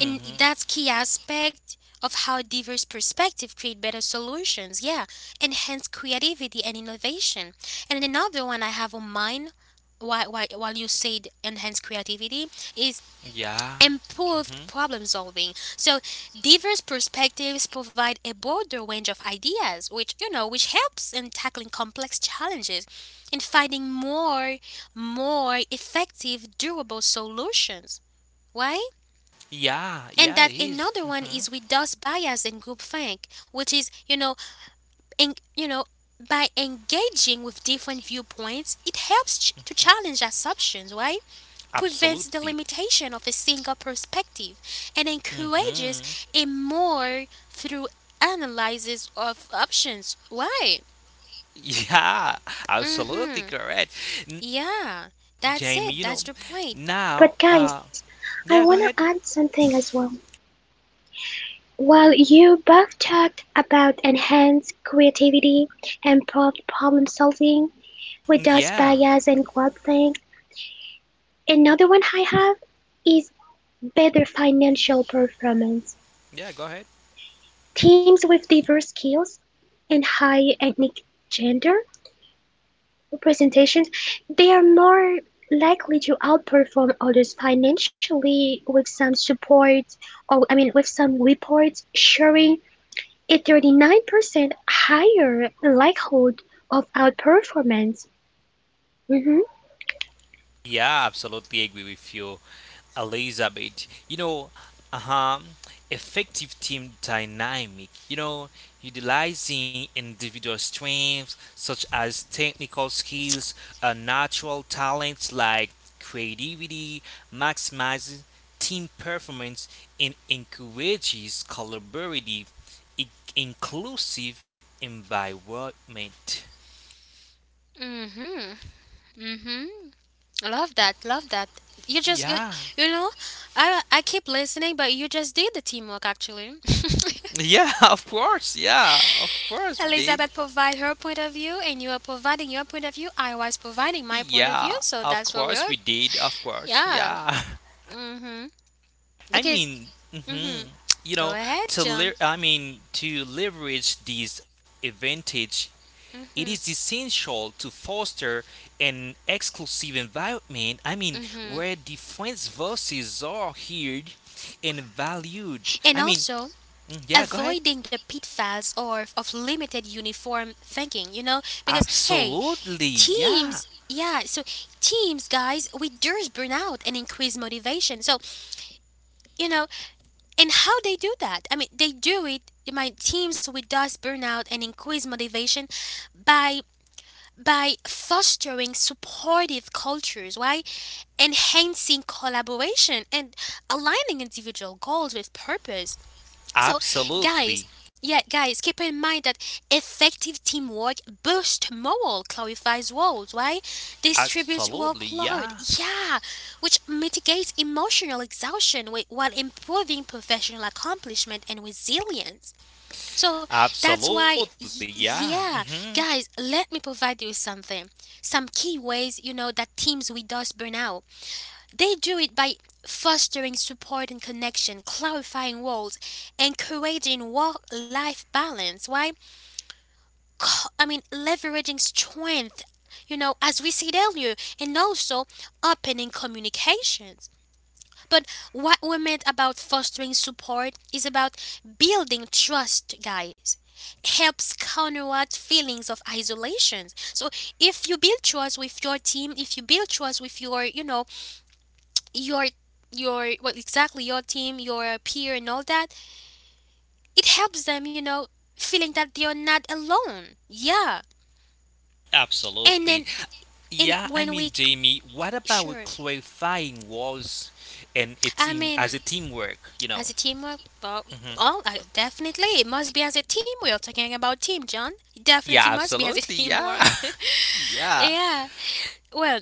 Speaker 1: and that's key aspect of how diverse perspective create better solutions. Yeah, enhance creativity and innovation. And another one I have on mind: while, you said enhance creativity, is
Speaker 2: Yeah.
Speaker 1: improved
Speaker 2: hmm
Speaker 1: problem solving. So diverse perspectives provide a broader range of ideas, which, you know, which helps in tackling complex challenges and finding more effective, durable solutions, right?
Speaker 2: Yeah.
Speaker 1: And that
Speaker 2: Yeah, it
Speaker 1: another
Speaker 2: is.
Speaker 1: one is
Speaker 2: hmm
Speaker 1: reduce bias and groupthink, which is, you know, en- you know, by engaging with different viewpoints, it helps to challenge assumptions, right? Prevents
Speaker 2: Absolutely.
Speaker 1: the limitation of a single perspective and
Speaker 2: hmm
Speaker 1: encourages a more through analysis of options. Why?
Speaker 2: Yeah. [LAUGHS] Absolutely
Speaker 1: Mm-hmm.
Speaker 2: correct. N-
Speaker 1: Yeah, that's
Speaker 2: Jamie,
Speaker 1: it.
Speaker 2: you
Speaker 1: That's
Speaker 2: know,
Speaker 1: the point.
Speaker 3: But
Speaker 2: now,
Speaker 3: guys,
Speaker 2: uh,
Speaker 3: I wanna
Speaker 2: yeah, go
Speaker 3: add
Speaker 2: ahead.
Speaker 3: something as well. While you both talked about enhanced creativity, improved problem solving with those
Speaker 2: Yeah.
Speaker 3: bias and quad things, another one I have is better financial performance.
Speaker 2: Yeah, go ahead.
Speaker 3: Teams with diverse skills and high ethnic gender presentations, they are more likely to outperform others financially with some support, or I mean with some reports showing a 39% higher likelihood of outperformance. Mhm.
Speaker 2: Yeah, absolutely agree with you, Elizabeth. You know, um, effective team dynamic. You know, utilizing individual strengths such as technical skills, natural talents like creativity, maximizes team performance, and encourages collaborative, in- inclusive environment.
Speaker 1: Mm-hmm. Mm-hmm. Love that, love that. You
Speaker 2: Yeah,
Speaker 1: you know, I keep listening, but you just did the teamwork actually. [LAUGHS]
Speaker 2: yeah, [LAUGHS] of course, yeah, of course.
Speaker 1: Elizabeth provide her point of view, and you are providing your point of view. I was providing my point of view,
Speaker 2: Yeah,
Speaker 1: so
Speaker 2: of
Speaker 1: that's what we
Speaker 2: course
Speaker 1: are.
Speaker 2: we did. Of course,
Speaker 1: Yeah.
Speaker 2: yeah.
Speaker 1: Mm-hmm.
Speaker 2: [LAUGHS] I
Speaker 1: Because
Speaker 2: mean, hmm
Speaker 1: mm-hmm.
Speaker 2: you
Speaker 1: Go
Speaker 2: know,
Speaker 1: ahead,
Speaker 2: to
Speaker 1: John.
Speaker 2: le- I mean to leverage these advantage, it is
Speaker 1: Mm-hmm.
Speaker 2: essential to foster an exclusive environment.
Speaker 1: Mm-hmm.
Speaker 2: Where different voices are heard and valued.
Speaker 1: And also
Speaker 2: Yeah. Go ahead.
Speaker 1: avoiding the pitfalls or of limited uniform thinking, you know? Because hey,
Speaker 2: Absolutely, yeah.
Speaker 1: teams, yeah, so teams, guys, we reduce burnout and increase motivation. So, you know, and how they do that? I mean, they do it, my teams reduce burnout and increase motivation by fostering supportive cultures. Why? Enhancing collaboration and aligning individual goals with purpose. So,
Speaker 2: Absolutely,
Speaker 1: guys, yeah, guys, keep in mind that effective teamwork boosts morale, clarifies roles, right? Distributes
Speaker 2: absolutely,
Speaker 1: workload,
Speaker 2: yeah.
Speaker 1: yeah, which mitigates emotional exhaustion while improving professional accomplishment and resilience. So that's why,
Speaker 2: Absolutely, yeah. hmm
Speaker 1: yeah, guys, let me provide you something. Some key ways, you know, that teams with us burn out, they do it by fostering support and connection, clarifying roles, encouraging work-life balance. Why? I mean, leveraging strength, you know, as we said earlier, and also opening communications. But what we meant about fostering support is about building trust, guys. Helps counteract feelings of isolation. So if you build trust with your team, if you build trust with your, you know, your your, well, exactly, your team, your peer and all that, it helps them, you know, feeling that they're not alone. Yeah. And
Speaker 2: Absolutely.
Speaker 1: then, and
Speaker 2: Yeah,
Speaker 1: when we,
Speaker 2: Jamie, what about with
Speaker 1: sure,
Speaker 2: clarifying roles and a
Speaker 1: I
Speaker 2: team
Speaker 1: mean,
Speaker 2: as a teamwork, you
Speaker 1: as
Speaker 2: know?
Speaker 1: a teamwork, well,
Speaker 2: hmm
Speaker 1: oh, definitely it must be as a team. We are talking about team, John. It definitely
Speaker 2: Yeah,
Speaker 1: must be as a
Speaker 2: absolutely.
Speaker 1: teamwork.
Speaker 2: Yeah. [LAUGHS]
Speaker 1: [LAUGHS]
Speaker 2: yeah.
Speaker 1: Yeah, well,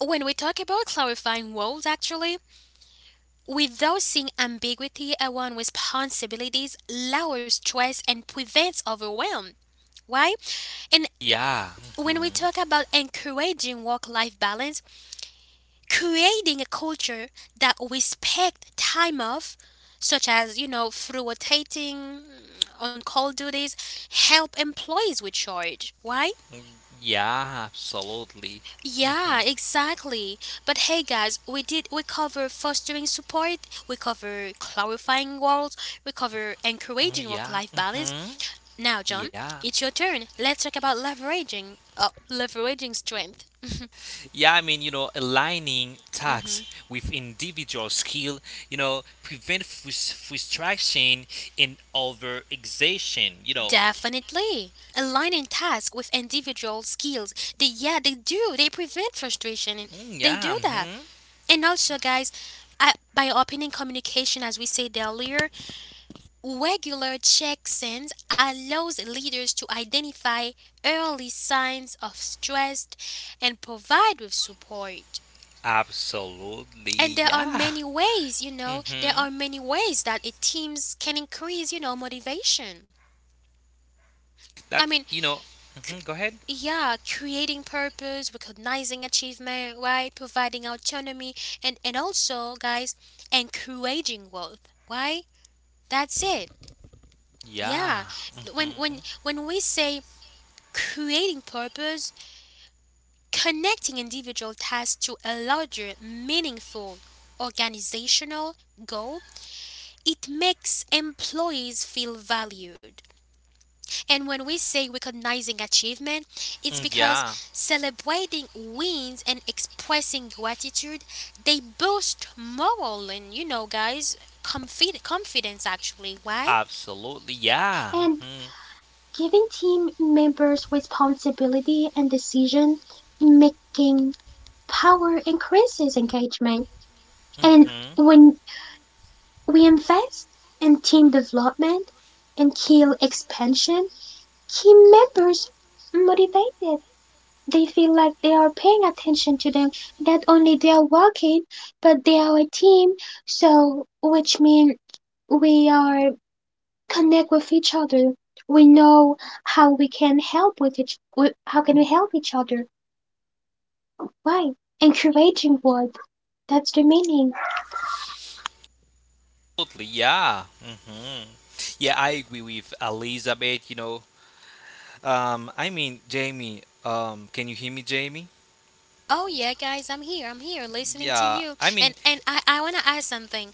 Speaker 1: when we talk about clarifying roles actually, without seeing ambiguity around responsibilities, lowers stress and prevents overwhelm. Why? And
Speaker 2: Yeah.
Speaker 1: when we talk about encouraging work life balance, creating a culture that respect time off, such as, you know, through rotating on call duties, help employees with charge. Why?
Speaker 2: Yeah, absolutely. hmm
Speaker 1: Yeah, exactly. But hey guys, we did, we cover fostering support, we cover clarifying roles, we cover encouraging work
Speaker 2: Yeah.
Speaker 1: life balance. Now John,
Speaker 2: Yeah.
Speaker 1: it's your turn. Let's talk about leveraging leveraging strength.
Speaker 2: Yeah, I mean, you know, aligning
Speaker 1: Mhm.
Speaker 2: tasks with individual skill, you know, prevent frustration and over exhaustion, you know.
Speaker 1: Definitely. Aligning tasks with individual skills, they, yeah, they do. They prevent frustration. And they
Speaker 2: Yeah.
Speaker 1: do that.
Speaker 2: Mhm.
Speaker 1: And also, guys, by opening communication, as we said earlier, regular check-ins allows leaders to identify early signs of stress and provide with support.
Speaker 2: Absolutely,
Speaker 1: And there are
Speaker 2: yeah.
Speaker 1: many ways, you know, there
Speaker 2: Mm-hmm.
Speaker 1: are many ways that a teams can increase, you know, motivation. I
Speaker 2: That
Speaker 1: mean,
Speaker 2: you know. Go ahead.
Speaker 1: yeah, creating purpose, recognizing achievement, right? Providing autonomy and, also, guys, encouraging growth, right? That's it. Yeah.
Speaker 2: Yeah.
Speaker 1: When
Speaker 2: Mm-hmm.
Speaker 1: when when we say creating purpose, connecting individual tasks to a larger, meaningful organizational goal, it makes employees feel valued. And when we say recognizing achievement, it's because
Speaker 2: Yeah.
Speaker 1: celebrating wins and expressing gratitude, they boost morale and, you know, guys, confidence actually. Why?
Speaker 2: Absolutely, yeah.
Speaker 3: And
Speaker 2: Mm-hmm.
Speaker 3: giving team members responsibility and decision making power increases engagement. And
Speaker 2: Mm-hmm.
Speaker 3: when we invest in team development and skill expansion, keep members motivated, they feel like they are paying attention to them, not only they are working, but they are a team, so which means we are connect with each other. We know how we can help with each with, how can we help each other. Why? Encouraging word. That's the meaning.
Speaker 2: Absolutely, yeah. Mm-hmm. Yeah, I agree with Elizabeth. You know, Jamie. Can you hear me, Jamie?
Speaker 1: Oh yeah, guys, I'm here. I'm here listening to
Speaker 2: Yeah.
Speaker 1: you. And I want to add something.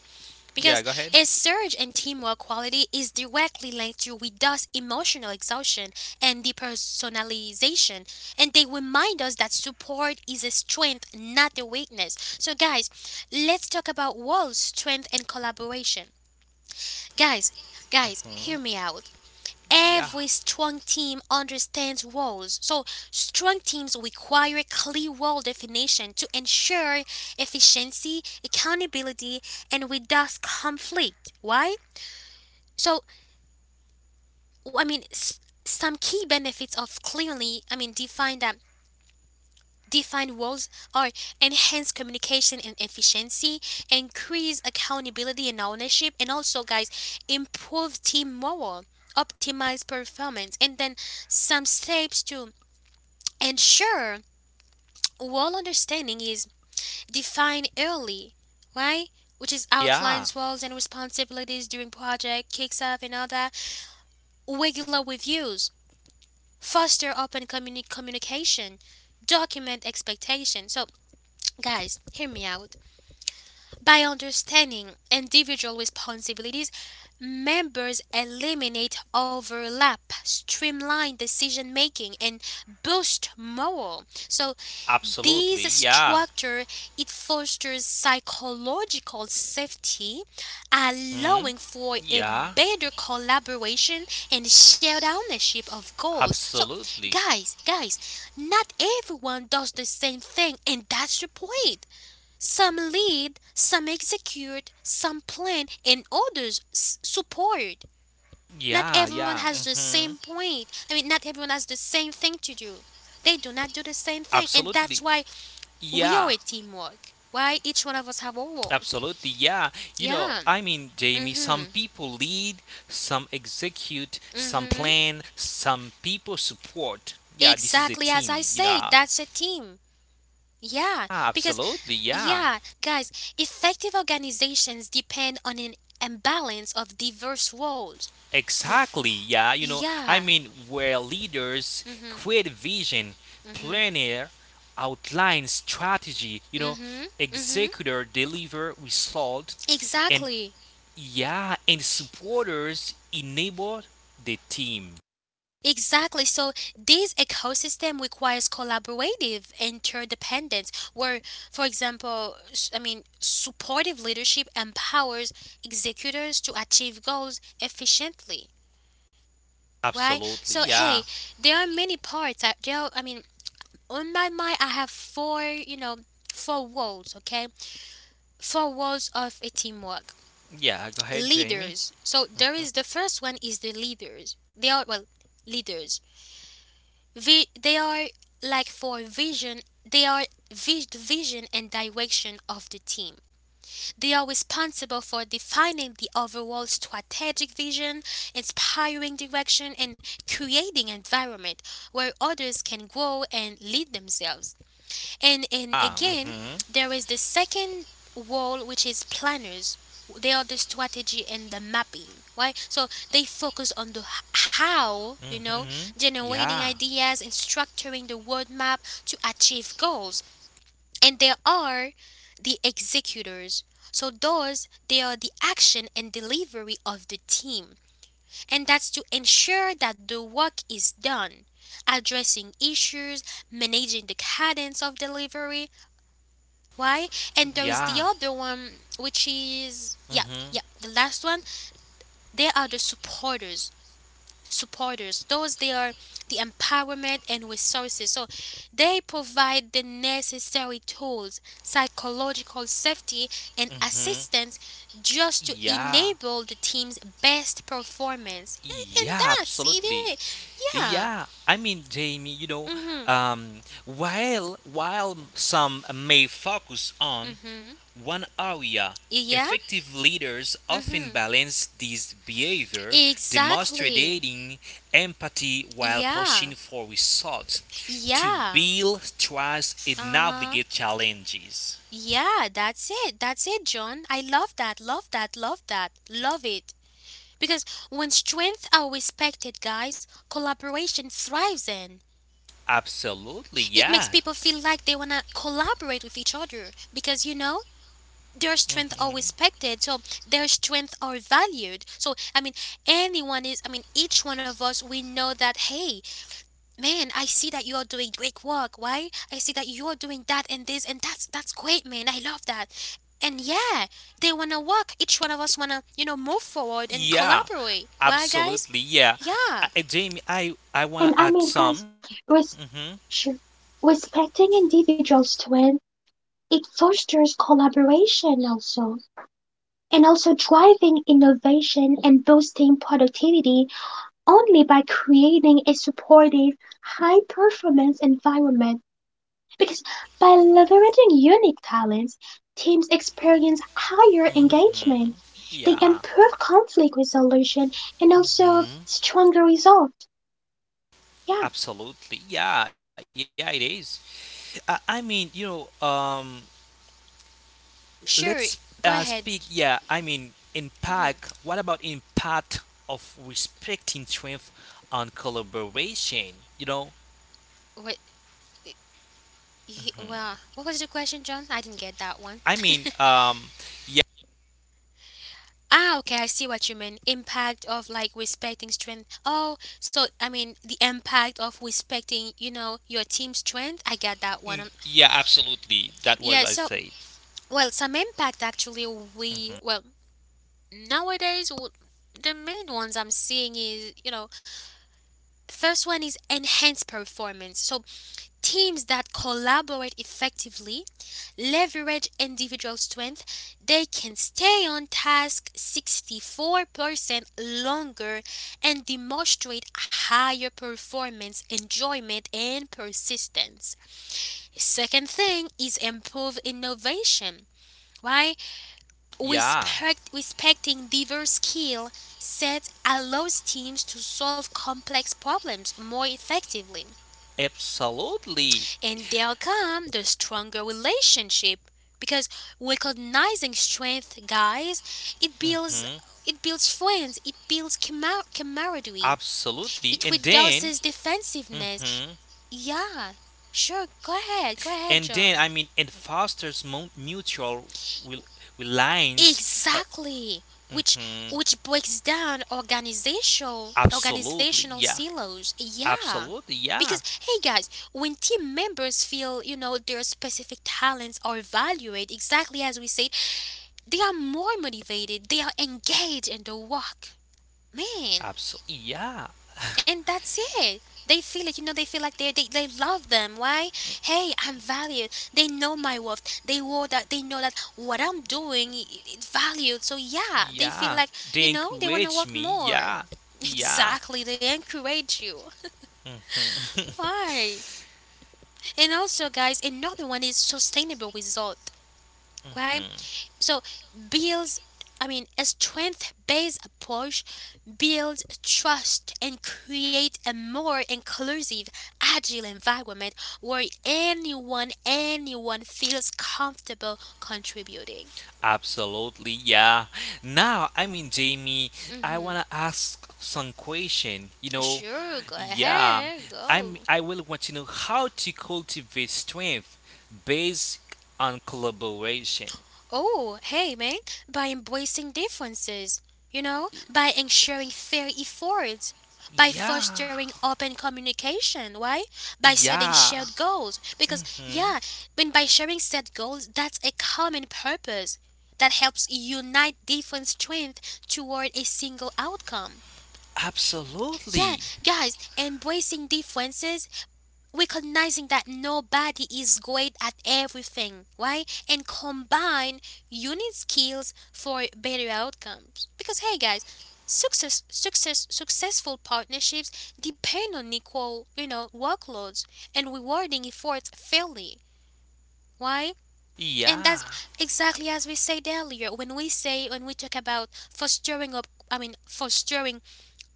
Speaker 1: Because
Speaker 2: yeah. Go ahead.
Speaker 1: a surge in teamwork quality is directly linked to reduced emotional exhaustion and depersonalization. And they remind us that support is a strength, not a weakness. So, guys, let's talk about walls, strength, and collaboration. Guys, guys, hear me
Speaker 2: hmm
Speaker 1: out.
Speaker 2: Yeah.
Speaker 1: Every strong team understands roles. So, strong teams require clear role definition to ensure efficiency, accountability, and reduce conflict. Why? So, I mean, some key benefits of clearly, I mean, defined roles are enhanced communication and efficiency, increase accountability and ownership, and also, guys, improve team morale, optimize performance. And then some steps to, and sure, wall understanding is defined early, right? Which is
Speaker 2: Yeah.
Speaker 1: outlines roles and responsibilities during project kicks off and all that. Regular reviews, foster open communication, document expectations. So, guys, hear me out. By understanding individual responsibilities, members eliminate overlap, streamline decision making, and boost morale. So
Speaker 2: Absolutely,
Speaker 1: this
Speaker 2: yeah.
Speaker 1: structure, it fosters psychological safety,
Speaker 2: hmm
Speaker 1: allowing for a
Speaker 2: Yeah.
Speaker 1: better collaboration and shared ownership of goals. So,
Speaker 2: Absolutely.
Speaker 1: guys, guys, not everyone does the same thing, and that's the point. Some lead, some execute, some plan, and others support. Not
Speaker 2: Yeah,
Speaker 1: everyone
Speaker 2: yeah.
Speaker 1: has the same
Speaker 2: hmm
Speaker 1: point. I mean, not everyone has the same thing to do. They do not do the
Speaker 2: Absolutely.
Speaker 1: same thing, and that's why
Speaker 2: Yeah.
Speaker 1: we are a teamwork. Why each one of us
Speaker 2: Absolutely.
Speaker 1: have our
Speaker 2: Yeah.
Speaker 1: role?
Speaker 2: You know, Jamie,
Speaker 1: Yeah.
Speaker 2: some people lead,
Speaker 1: Mhm.
Speaker 2: some execute, some plan,
Speaker 1: Mhm.
Speaker 2: some people support. Yeah, this is a team, you
Speaker 1: Exactly as
Speaker 2: know.
Speaker 1: I said, that's a team.
Speaker 2: Ah,
Speaker 1: Yeah, because
Speaker 2: absolutely. Yeah.
Speaker 1: yeah, guys, effective organizations depend on an imbalance of diverse roles. W-
Speaker 2: Exactly. Yeah. You know,
Speaker 1: Yeah.
Speaker 2: where leaders
Speaker 1: Mhm.
Speaker 2: create vision,
Speaker 1: Mhm.
Speaker 2: planner outline strategy, you know,
Speaker 1: Mhm. Mhm.
Speaker 2: executor deliver result, and
Speaker 1: Exactly.
Speaker 2: yeah, and supporters enable the team.
Speaker 1: Exactly. So this ecosystem requires collaborative interdependence, where, for example, I mean, supportive leadership empowers executors to achieve goals efficiently. Right.
Speaker 2: Absolutely.
Speaker 1: So hey,
Speaker 2: Yeah.
Speaker 1: there are many parts. There are, I mean, on my mind, I have four. You know, four walls. Okay, four walls of a teamwork.
Speaker 2: Yeah, go ahead, Jamie.
Speaker 1: Leaders. So there is the first one is the leaders. They are, well, leaders, they are like for vision, they are the vision and direction of the team. They are responsible for defining the overall strategic vision, inspiring direction, and creating environment where others can grow and lead themselves. And
Speaker 2: Ah,
Speaker 1: again,
Speaker 2: mhm.
Speaker 1: there is the second wall, which is planners. They are the strategy and the mapping, right? So they focus on the how, you know,
Speaker 2: Mhm.
Speaker 1: generating
Speaker 2: Yeah.
Speaker 1: ideas and structuring the roadmap to achieve goals. And there are the executors. So those, they are the action and delivery of the team. And that's to ensure that the work is done, addressing issues, managing the cadence of delivery. Why? And there is the
Speaker 2: Yeah.
Speaker 1: other one, which is, yeah, yeah,
Speaker 2: Mhm.
Speaker 1: the last one. They are the supporters. Supporters. Those, they are the empowerment and resources. So they provide the necessary tools, psychological safety and
Speaker 2: Mhm.
Speaker 1: assistance just to
Speaker 2: Yeah.
Speaker 1: enable the team's best performance. And
Speaker 2: Yeah,
Speaker 1: that's
Speaker 2: absolutely.
Speaker 1: it. Yeah.
Speaker 2: Yeah, Jamie, you know,
Speaker 1: Mhm.
Speaker 2: while while some may focus on
Speaker 1: Mhm.
Speaker 2: one area,
Speaker 1: Yeah.
Speaker 2: effective leaders often
Speaker 1: Mhm.
Speaker 2: balance this behavior,
Speaker 1: Exactly.
Speaker 2: demonstrating empathy while
Speaker 1: Yeah.
Speaker 2: pushing for results to
Speaker 1: Yeah.
Speaker 2: build trust and
Speaker 1: Uh huh.
Speaker 2: navigate challenges.
Speaker 1: Yeah, that's it. That's it, John. I love that. Love that, love that, love it. Because when strength are respected, guys, collaboration thrives in.
Speaker 2: Absolutely,
Speaker 1: It makes
Speaker 2: yeah.
Speaker 1: people feel like they want to collaborate with each other because, you know, their strength are
Speaker 2: Mhm.
Speaker 1: respected, so their strength are valued. So, I mean, anyone is, I mean, each one of us, we know that. Hey, man, I see that you are doing great work. Why? I see that you are doing that and this, and that's great, man, I love that. And yeah, they want to work, each one of us want to, you know, move forward and
Speaker 2: Yeah,
Speaker 1: collaborate. Why, guys?
Speaker 2: absolutely, yeah.
Speaker 1: Yeah,
Speaker 2: Jamie, I
Speaker 3: And
Speaker 2: want
Speaker 3: I
Speaker 2: to add
Speaker 3: mean guys,
Speaker 2: some. Mhm.
Speaker 3: res- sure, respecting individuals' strength, it fosters collaboration also, and also driving innovation and boosting productivity only by creating a supportive, high performance environment. Because by leveraging unique talents, teams experience higher engagement.
Speaker 2: hmm
Speaker 3: They
Speaker 2: Yeah.
Speaker 3: improve conflict resolution and also
Speaker 2: hmm
Speaker 3: stronger results. Yeah,
Speaker 2: Absolutely. Yeah. Yeah. It is. Uh, I mean, you know, um, let's
Speaker 1: sure,
Speaker 2: uh,
Speaker 1: go
Speaker 2: speak.
Speaker 1: ahead.
Speaker 2: Yeah. I mean, impact.
Speaker 1: Hmm.
Speaker 2: What about impact of respecting strength on collaboration? You know,
Speaker 1: What, well, what was the question, John? I didn't get that one.
Speaker 2: I mean, um, yeah.
Speaker 1: Ah, okay, I see what you mean. Impact of like respecting strength. Oh, so I mean the impact of respecting, you know, your team's strength. I got that one.
Speaker 2: Yeah. Absolutely. That was
Speaker 1: Yeah,
Speaker 2: I
Speaker 1: so,
Speaker 2: said.
Speaker 1: well, some impact actually, we, well, nowadays, the main ones I'm seeing is, you know, first one is enhanced performance. So teams that collaborate effectively leverage individual strength. They can stay on task 64% longer and demonstrate higher performance, enjoyment and persistence. Second thing is improve innovation. Why?
Speaker 2: Yeah.
Speaker 1: Respecting diverse skill sets allows teams to solve complex problems more effectively.
Speaker 2: Absolutely.
Speaker 1: And there come the stronger relationship because recognizing strength, guys, it builds,
Speaker 2: hmm
Speaker 1: friends, it builds camaraderie,
Speaker 2: Absolutely.
Speaker 1: it
Speaker 2: And then.
Speaker 1: reduces defensiveness.
Speaker 2: Hmm.
Speaker 1: Yeah, sure, go ahead,
Speaker 2: And then
Speaker 1: John.
Speaker 2: it fosters mutual rel- reliance. Uh,
Speaker 1: Exactly, which
Speaker 2: hmm,
Speaker 1: which breaks down
Speaker 2: absolutely,
Speaker 1: organizational
Speaker 2: yeah,
Speaker 1: silos. Yeah.
Speaker 2: absolutely,
Speaker 1: Because
Speaker 2: yeah,
Speaker 1: hey guys, when team members feel, you know, their specific talents are valued exactly as we said, they are more motivated, they are engaged in the work. Man,
Speaker 2: absolutely, yeah,
Speaker 1: and that's it, they feel it, you know, they feel like they, they love them. Why? Hey, I'm valued, they know my worth, they know that, they know that what I'm doing, it's valued. So yeah, they feel
Speaker 2: yeah.
Speaker 1: like, you
Speaker 2: They
Speaker 1: know, they want to
Speaker 2: encourage
Speaker 1: work
Speaker 2: me,
Speaker 1: more.
Speaker 2: yeah,
Speaker 1: [LAUGHS]
Speaker 2: yeah.
Speaker 1: Exactly, they encourage you.
Speaker 2: Mhm.
Speaker 1: Why? And also guys, another one is sustainable result. Why?
Speaker 2: [LAUGHS]
Speaker 1: So builds, I mean, a strength-based approach builds trust and create a more inclusive, agile environment where anyone, anyone feels comfortable contributing.
Speaker 2: Absolutely, yeah. Now, Jamie, I
Speaker 1: Hmm.
Speaker 2: wanna ask some question. You know,
Speaker 1: Sure, go
Speaker 2: yeah,
Speaker 1: ahead, go.
Speaker 2: I will want to know how to cultivate strength based on collaboration.
Speaker 1: Oh, hey man, by embracing differences, you know, by ensuring fair efforts, by
Speaker 2: Yeah,
Speaker 1: fostering open communication, why? By setting
Speaker 2: yeah.
Speaker 1: shared goals. Because,
Speaker 2: Mm-hmm.
Speaker 1: yeah, when by sharing set goals, that's a common purpose that helps unite different strength toward a single outcome. Yeah,
Speaker 2: Absolutely.
Speaker 1: guys, embracing differences, recognizing that nobody is great at everything, right? And combine unique skills for better outcomes. Because hey guys, successful partnerships depend on equal, you know, workloads and rewarding efforts fairly. Why? And
Speaker 2: Yeah,
Speaker 1: that's exactly as we said earlier, when we say, when we talk about fostering up I mean fostering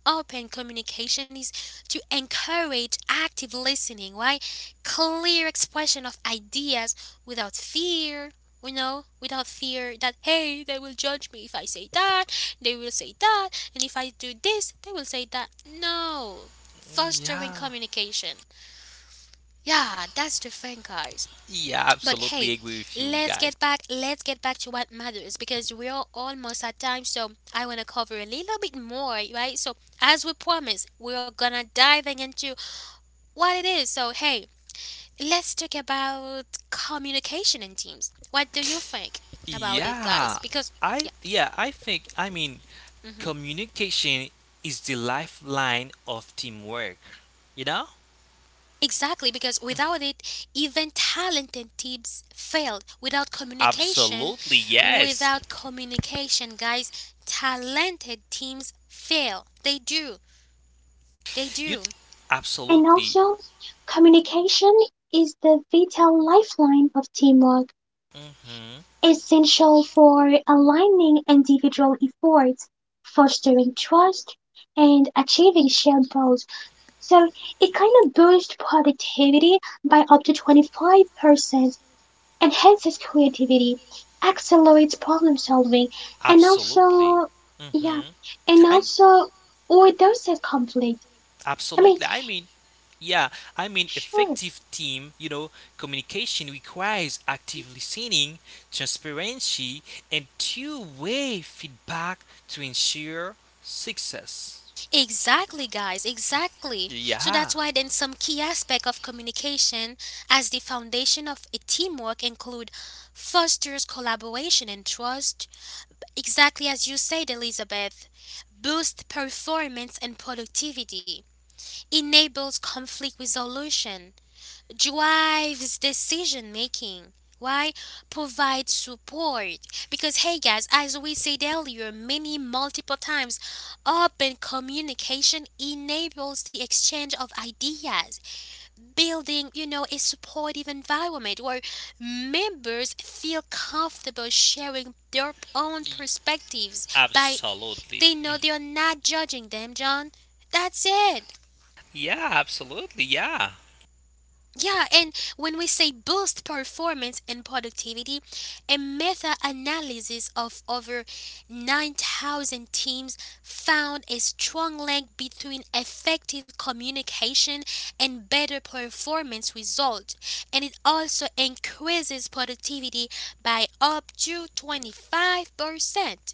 Speaker 1: open communication is to encourage active listening, right? Clear expression of ideas without fear, you know, without fear that, hey, they will judge me if I say that, they will say that, and if I do this, they will say that. No, fostering
Speaker 2: yeah,
Speaker 1: communication. Yeah, that's the thing, guys.
Speaker 2: yeah.
Speaker 1: But
Speaker 2: Absolutely
Speaker 1: hey,
Speaker 2: agree with you
Speaker 1: let's
Speaker 2: guys.
Speaker 1: get back. Let's get back to what matters because we are almost at time. So I want to cover a little bit more, right? So as we promised, we are gonna diving into what it is. So hey, let's talk about communication in teams. What do you think about it,
Speaker 2: Yeah,
Speaker 1: guys? Because yeah.
Speaker 2: yeah. I think.
Speaker 1: Mm-hmm.
Speaker 2: Communication is the lifeline of teamwork. You know?
Speaker 1: Exactly, because without it, even talented teams failed. Without communication,
Speaker 2: Absolutely, yes.
Speaker 1: without communication, guys, talented teams fail. They do. They
Speaker 2: You
Speaker 1: do.
Speaker 3: and
Speaker 2: absolutely.
Speaker 3: also communication is the vital lifeline of teamwork,
Speaker 2: hmm
Speaker 3: essential for aligning individual efforts, fostering trust, and achieving shared goals. So it kind of boosts productivity by up to 25%, enhances creativity, accelerates problem solving, and
Speaker 2: Absolutely.
Speaker 3: also, yeah,
Speaker 2: Hmm
Speaker 3: and
Speaker 2: I'm
Speaker 3: also reduces conflict. I mean,
Speaker 2: Absolutely. Yeah,
Speaker 3: sure,
Speaker 2: effective team, you know, communication requires active listening, transparency, and two-way feedback to ensure success.
Speaker 1: Exactly, guys, exactly. So that's
Speaker 2: Yeah,
Speaker 1: why then some key aspect of communication as the foundation of a teamwork include fosters collaboration and trust. Exactly as you said, Elizabeth, boost performance and productivity, enables conflict resolution, drives decision making. Why? Provide support. Because, hey guys, as we said earlier, many multiple times, open communication enables the exchange of ideas, building, you know, a supportive environment where members feel comfortable sharing their own perspectives by
Speaker 2: absolutely.
Speaker 1: they know they are not judging them, John. That's it.
Speaker 2: Yeah, absolutely. Yeah,
Speaker 1: Yeah, and when we say boost performance and productivity, a meta analysis of over 9,000 teams found a strong link between effective communication and better performance results, and it also increases productivity by up to 25%.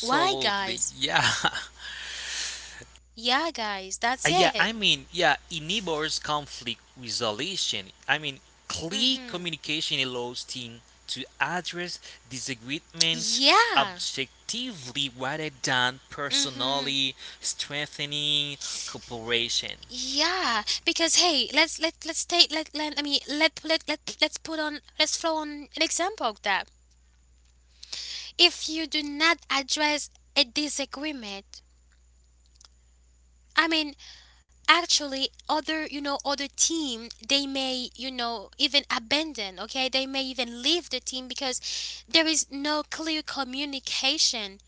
Speaker 1: Why, guys?
Speaker 2: Yeah. [LAUGHS]
Speaker 1: Yeah, guys, that's
Speaker 2: Yeah,
Speaker 1: it.
Speaker 2: yeah, enables conflict resolution. Clear
Speaker 1: Mhm.
Speaker 2: communication allows team to address disagreements
Speaker 1: Yeah.
Speaker 2: objectively rather than
Speaker 1: Mhm.
Speaker 2: personally, strengthening cooperation.
Speaker 1: Yeah, because hey, let's let let's take let let I mean let's put on, let's throw on an example of that. If you do not address a disagreement, I mean, actually other, you know, other team, they may, you know, even abandon. Okay, they may even leave the team because there is no clear communication,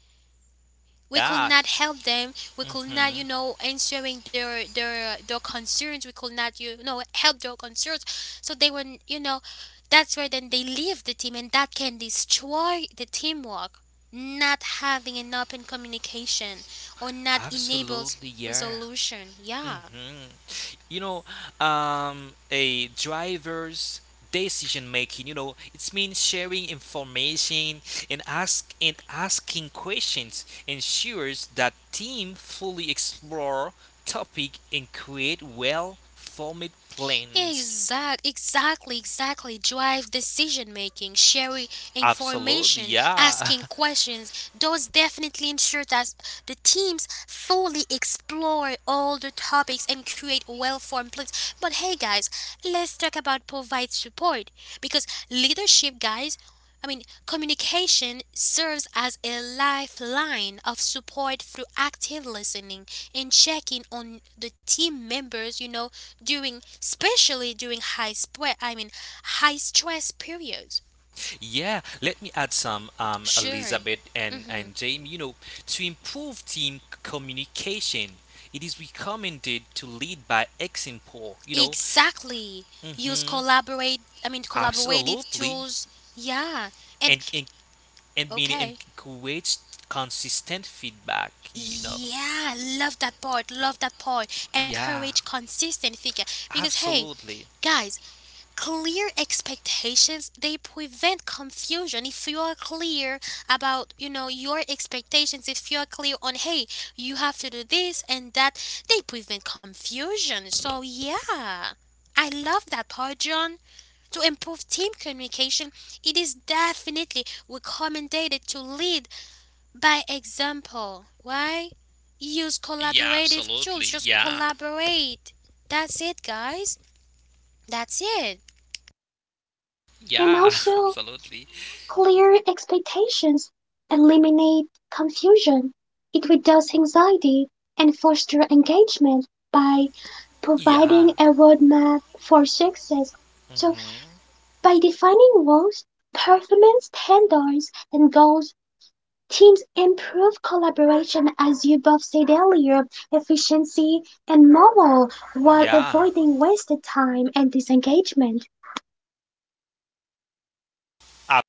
Speaker 1: we could
Speaker 2: Yeah,
Speaker 1: not help them, we could not, you
Speaker 2: hmm
Speaker 1: know, answering their concerns, we could not, you know, help their concerns. So they were, you know, that's where then they leave the team, and that can destroy the teamwork, not having an open communication or not enables
Speaker 2: absolutely, yeah.
Speaker 1: resolution, yeah.
Speaker 2: hmm you know, a driver's decision making, you know, it's means sharing information and asking questions ensures that team fully explore topic and create well formed plans.
Speaker 1: Exactly, exactly. Drive decision making, sharing
Speaker 2: Absolutely,
Speaker 1: information,
Speaker 2: yeah.
Speaker 1: asking questions. Those definitely ensure that the teams fully explore all the topics and create well-formed plans. But hey, guys, let's talk about provide support because leadership, guys. I mean, communication serves as a lifeline of support through active listening and checking on the team members, you know, during especially during high spread I mean, high stress periods.
Speaker 2: [LAUGHS] Yeah, let me add some,
Speaker 1: Sure.
Speaker 2: Elizabeth and
Speaker 1: Hmm.
Speaker 2: Jamie. You know, to improve team communication it is recommended to lead by example, you know.
Speaker 1: Exactly. Use
Speaker 2: hmm
Speaker 1: collaborate I mean, collaborative
Speaker 2: Absolutely.
Speaker 1: tools. Yeah. And
Speaker 2: And, and, and
Speaker 1: okay.
Speaker 2: creates consistent feedback, you know.
Speaker 1: Yeah, love that part. Love that part.
Speaker 2: Yeah,
Speaker 1: Encourage consistent figure, because hey,
Speaker 2: absolutely.
Speaker 1: guys, clear expectations, they prevent confusion. If you are clear about, you know, your expectations, if you are clear on, hey, you have to do this and that, they prevent confusion. So yeah, I love that part, John. To improve team communication, it is definitely recommended to lead by example. Why? Use
Speaker 2: Yeah,
Speaker 1: collaborative
Speaker 2: absolutely.
Speaker 1: tools, just
Speaker 2: Yeah.
Speaker 1: collaborate. That's it, guys. That's it.
Speaker 2: Yeah,
Speaker 3: and
Speaker 2: [LAUGHS]
Speaker 3: also
Speaker 2: absolutely.
Speaker 3: clear expectations eliminate confusion, it reduces anxiety, and fosters engagement by
Speaker 2: Yeah.
Speaker 3: providing a roadmap for success. So,
Speaker 2: hmm
Speaker 3: by defining roles, performance standards, and goals, teams improve collaboration, as you both said earlier, efficiency, and morale, while
Speaker 2: Yeah.
Speaker 3: avoiding wasted time and disengagement.
Speaker 2: Ab-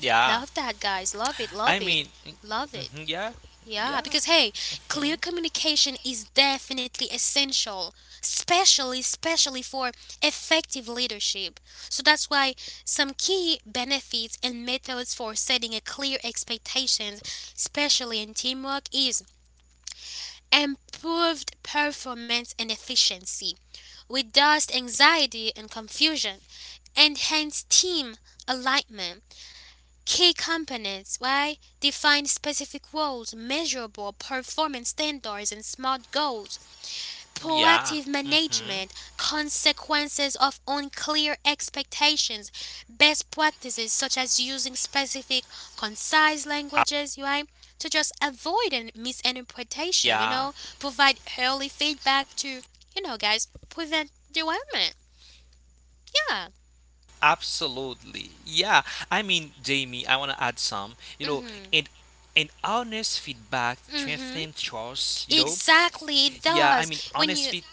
Speaker 2: yeah.
Speaker 1: Love that, guys. Love it.
Speaker 2: I
Speaker 1: Love it.
Speaker 2: mean,
Speaker 1: Love it.
Speaker 2: mhm, yeah.
Speaker 1: Yeah,
Speaker 2: Yeah.
Speaker 1: because hey, clear
Speaker 2: Mhm,
Speaker 1: communication is definitely essential, especially especially for effective leadership. So that's why some key benefits and methods for setting a clear expectations, especially in teamwork, is improved performance and efficiency, reduced anxiety and confusion, enhanced team alignment. Key components, why? Define specific roles, measurable performance standards, and smart goals. Proactive
Speaker 2: yeah.
Speaker 1: management,
Speaker 2: hmm
Speaker 1: consequences of unclear expectations, best practices such as using specific, concise languages, right? To just avoid an misinterpretation, you
Speaker 2: yeah.
Speaker 1: know, provide early feedback to, you know, guys, prevent derailment. Yeah.
Speaker 2: Absolutely. Yeah. Jamie, I want to add some, you
Speaker 1: Mm
Speaker 2: know,
Speaker 1: hmm.
Speaker 2: and honest feedback
Speaker 1: Mm-hmm.
Speaker 2: strengthens trust, you know?
Speaker 1: Exactly.
Speaker 2: Yeah,
Speaker 1: Thus,
Speaker 2: I mean,
Speaker 1: when you...
Speaker 2: honest feed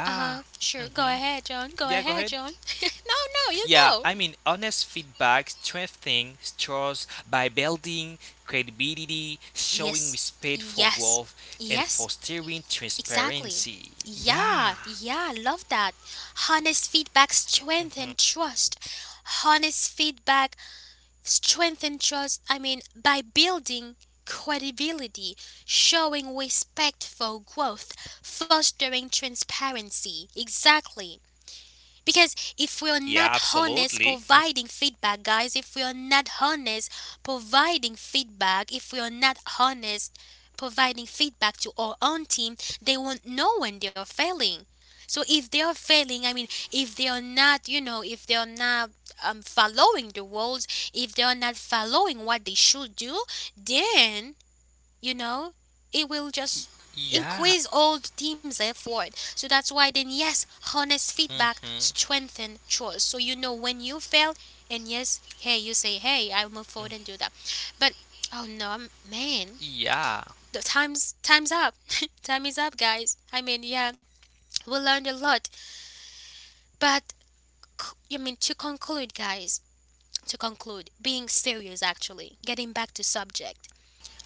Speaker 1: Uh huh. Sure. Go
Speaker 2: Mm-hmm.
Speaker 1: ahead, John. Go
Speaker 2: Yeah, go
Speaker 1: ahead,
Speaker 2: ahead.
Speaker 1: John. [LAUGHS] No, no, you go.
Speaker 2: Yeah, honest feedback strengthens trust by building credibility,
Speaker 1: Yes.
Speaker 2: showing respect
Speaker 1: Yes.
Speaker 2: for growth,
Speaker 1: Yes.
Speaker 2: and fostering
Speaker 1: Exactly.
Speaker 2: transparency.
Speaker 1: Yeah.
Speaker 2: Yeah.
Speaker 1: Yeah. Love that. Honest feedback strengthens trust. Honest feedback strengthens trust. I mean, by building credibility, showing respect for growth, fostering transparency. Exactly. Because if we're not
Speaker 2: Yeah,
Speaker 1: honest
Speaker 2: absolutely.
Speaker 1: providing feedback, guys, if we're not honest providing feedback, if we're not honest providing feedback to our own team, they won't know when they're failing. So if they are failing, I mean, if they are not, you know, if they are not, following the rules, if they are not following what they should do, then, you know, it will just increase all the
Speaker 2: Yeah.
Speaker 1: team's effort. So that's why then yes, honest feedback
Speaker 2: Mhm.
Speaker 1: strengthen trust. So you know when you fail, and yes, hey, you say, hey, I'll move
Speaker 2: Mm.
Speaker 1: forward and do that. But oh no, I'm, man,
Speaker 2: Yeah.
Speaker 1: the time's up. [LAUGHS] Time is up, guys. I mean, yeah, we learned a lot. But I mean, to conclude, guys, to conclude, being serious, actually getting back to subject,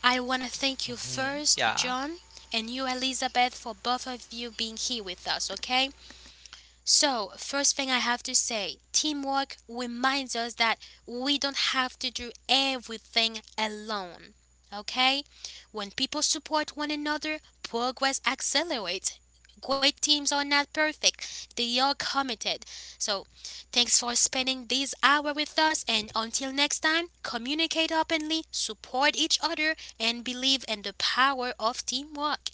Speaker 1: I want to thank you first,
Speaker 2: Mhm.
Speaker 1: John,
Speaker 2: Yeah.
Speaker 1: and you, Elizabeth, for both of you being here with us, okay? So, first thing I have to say, teamwork reminds us that we don't have to do everything alone. Okay? When people support one another, progress accelerates. Great teams are not perfect, they are committed. So, thanks for spending this hour with us, and until next time, communicate openly, support each other, and believe in the power of teamwork.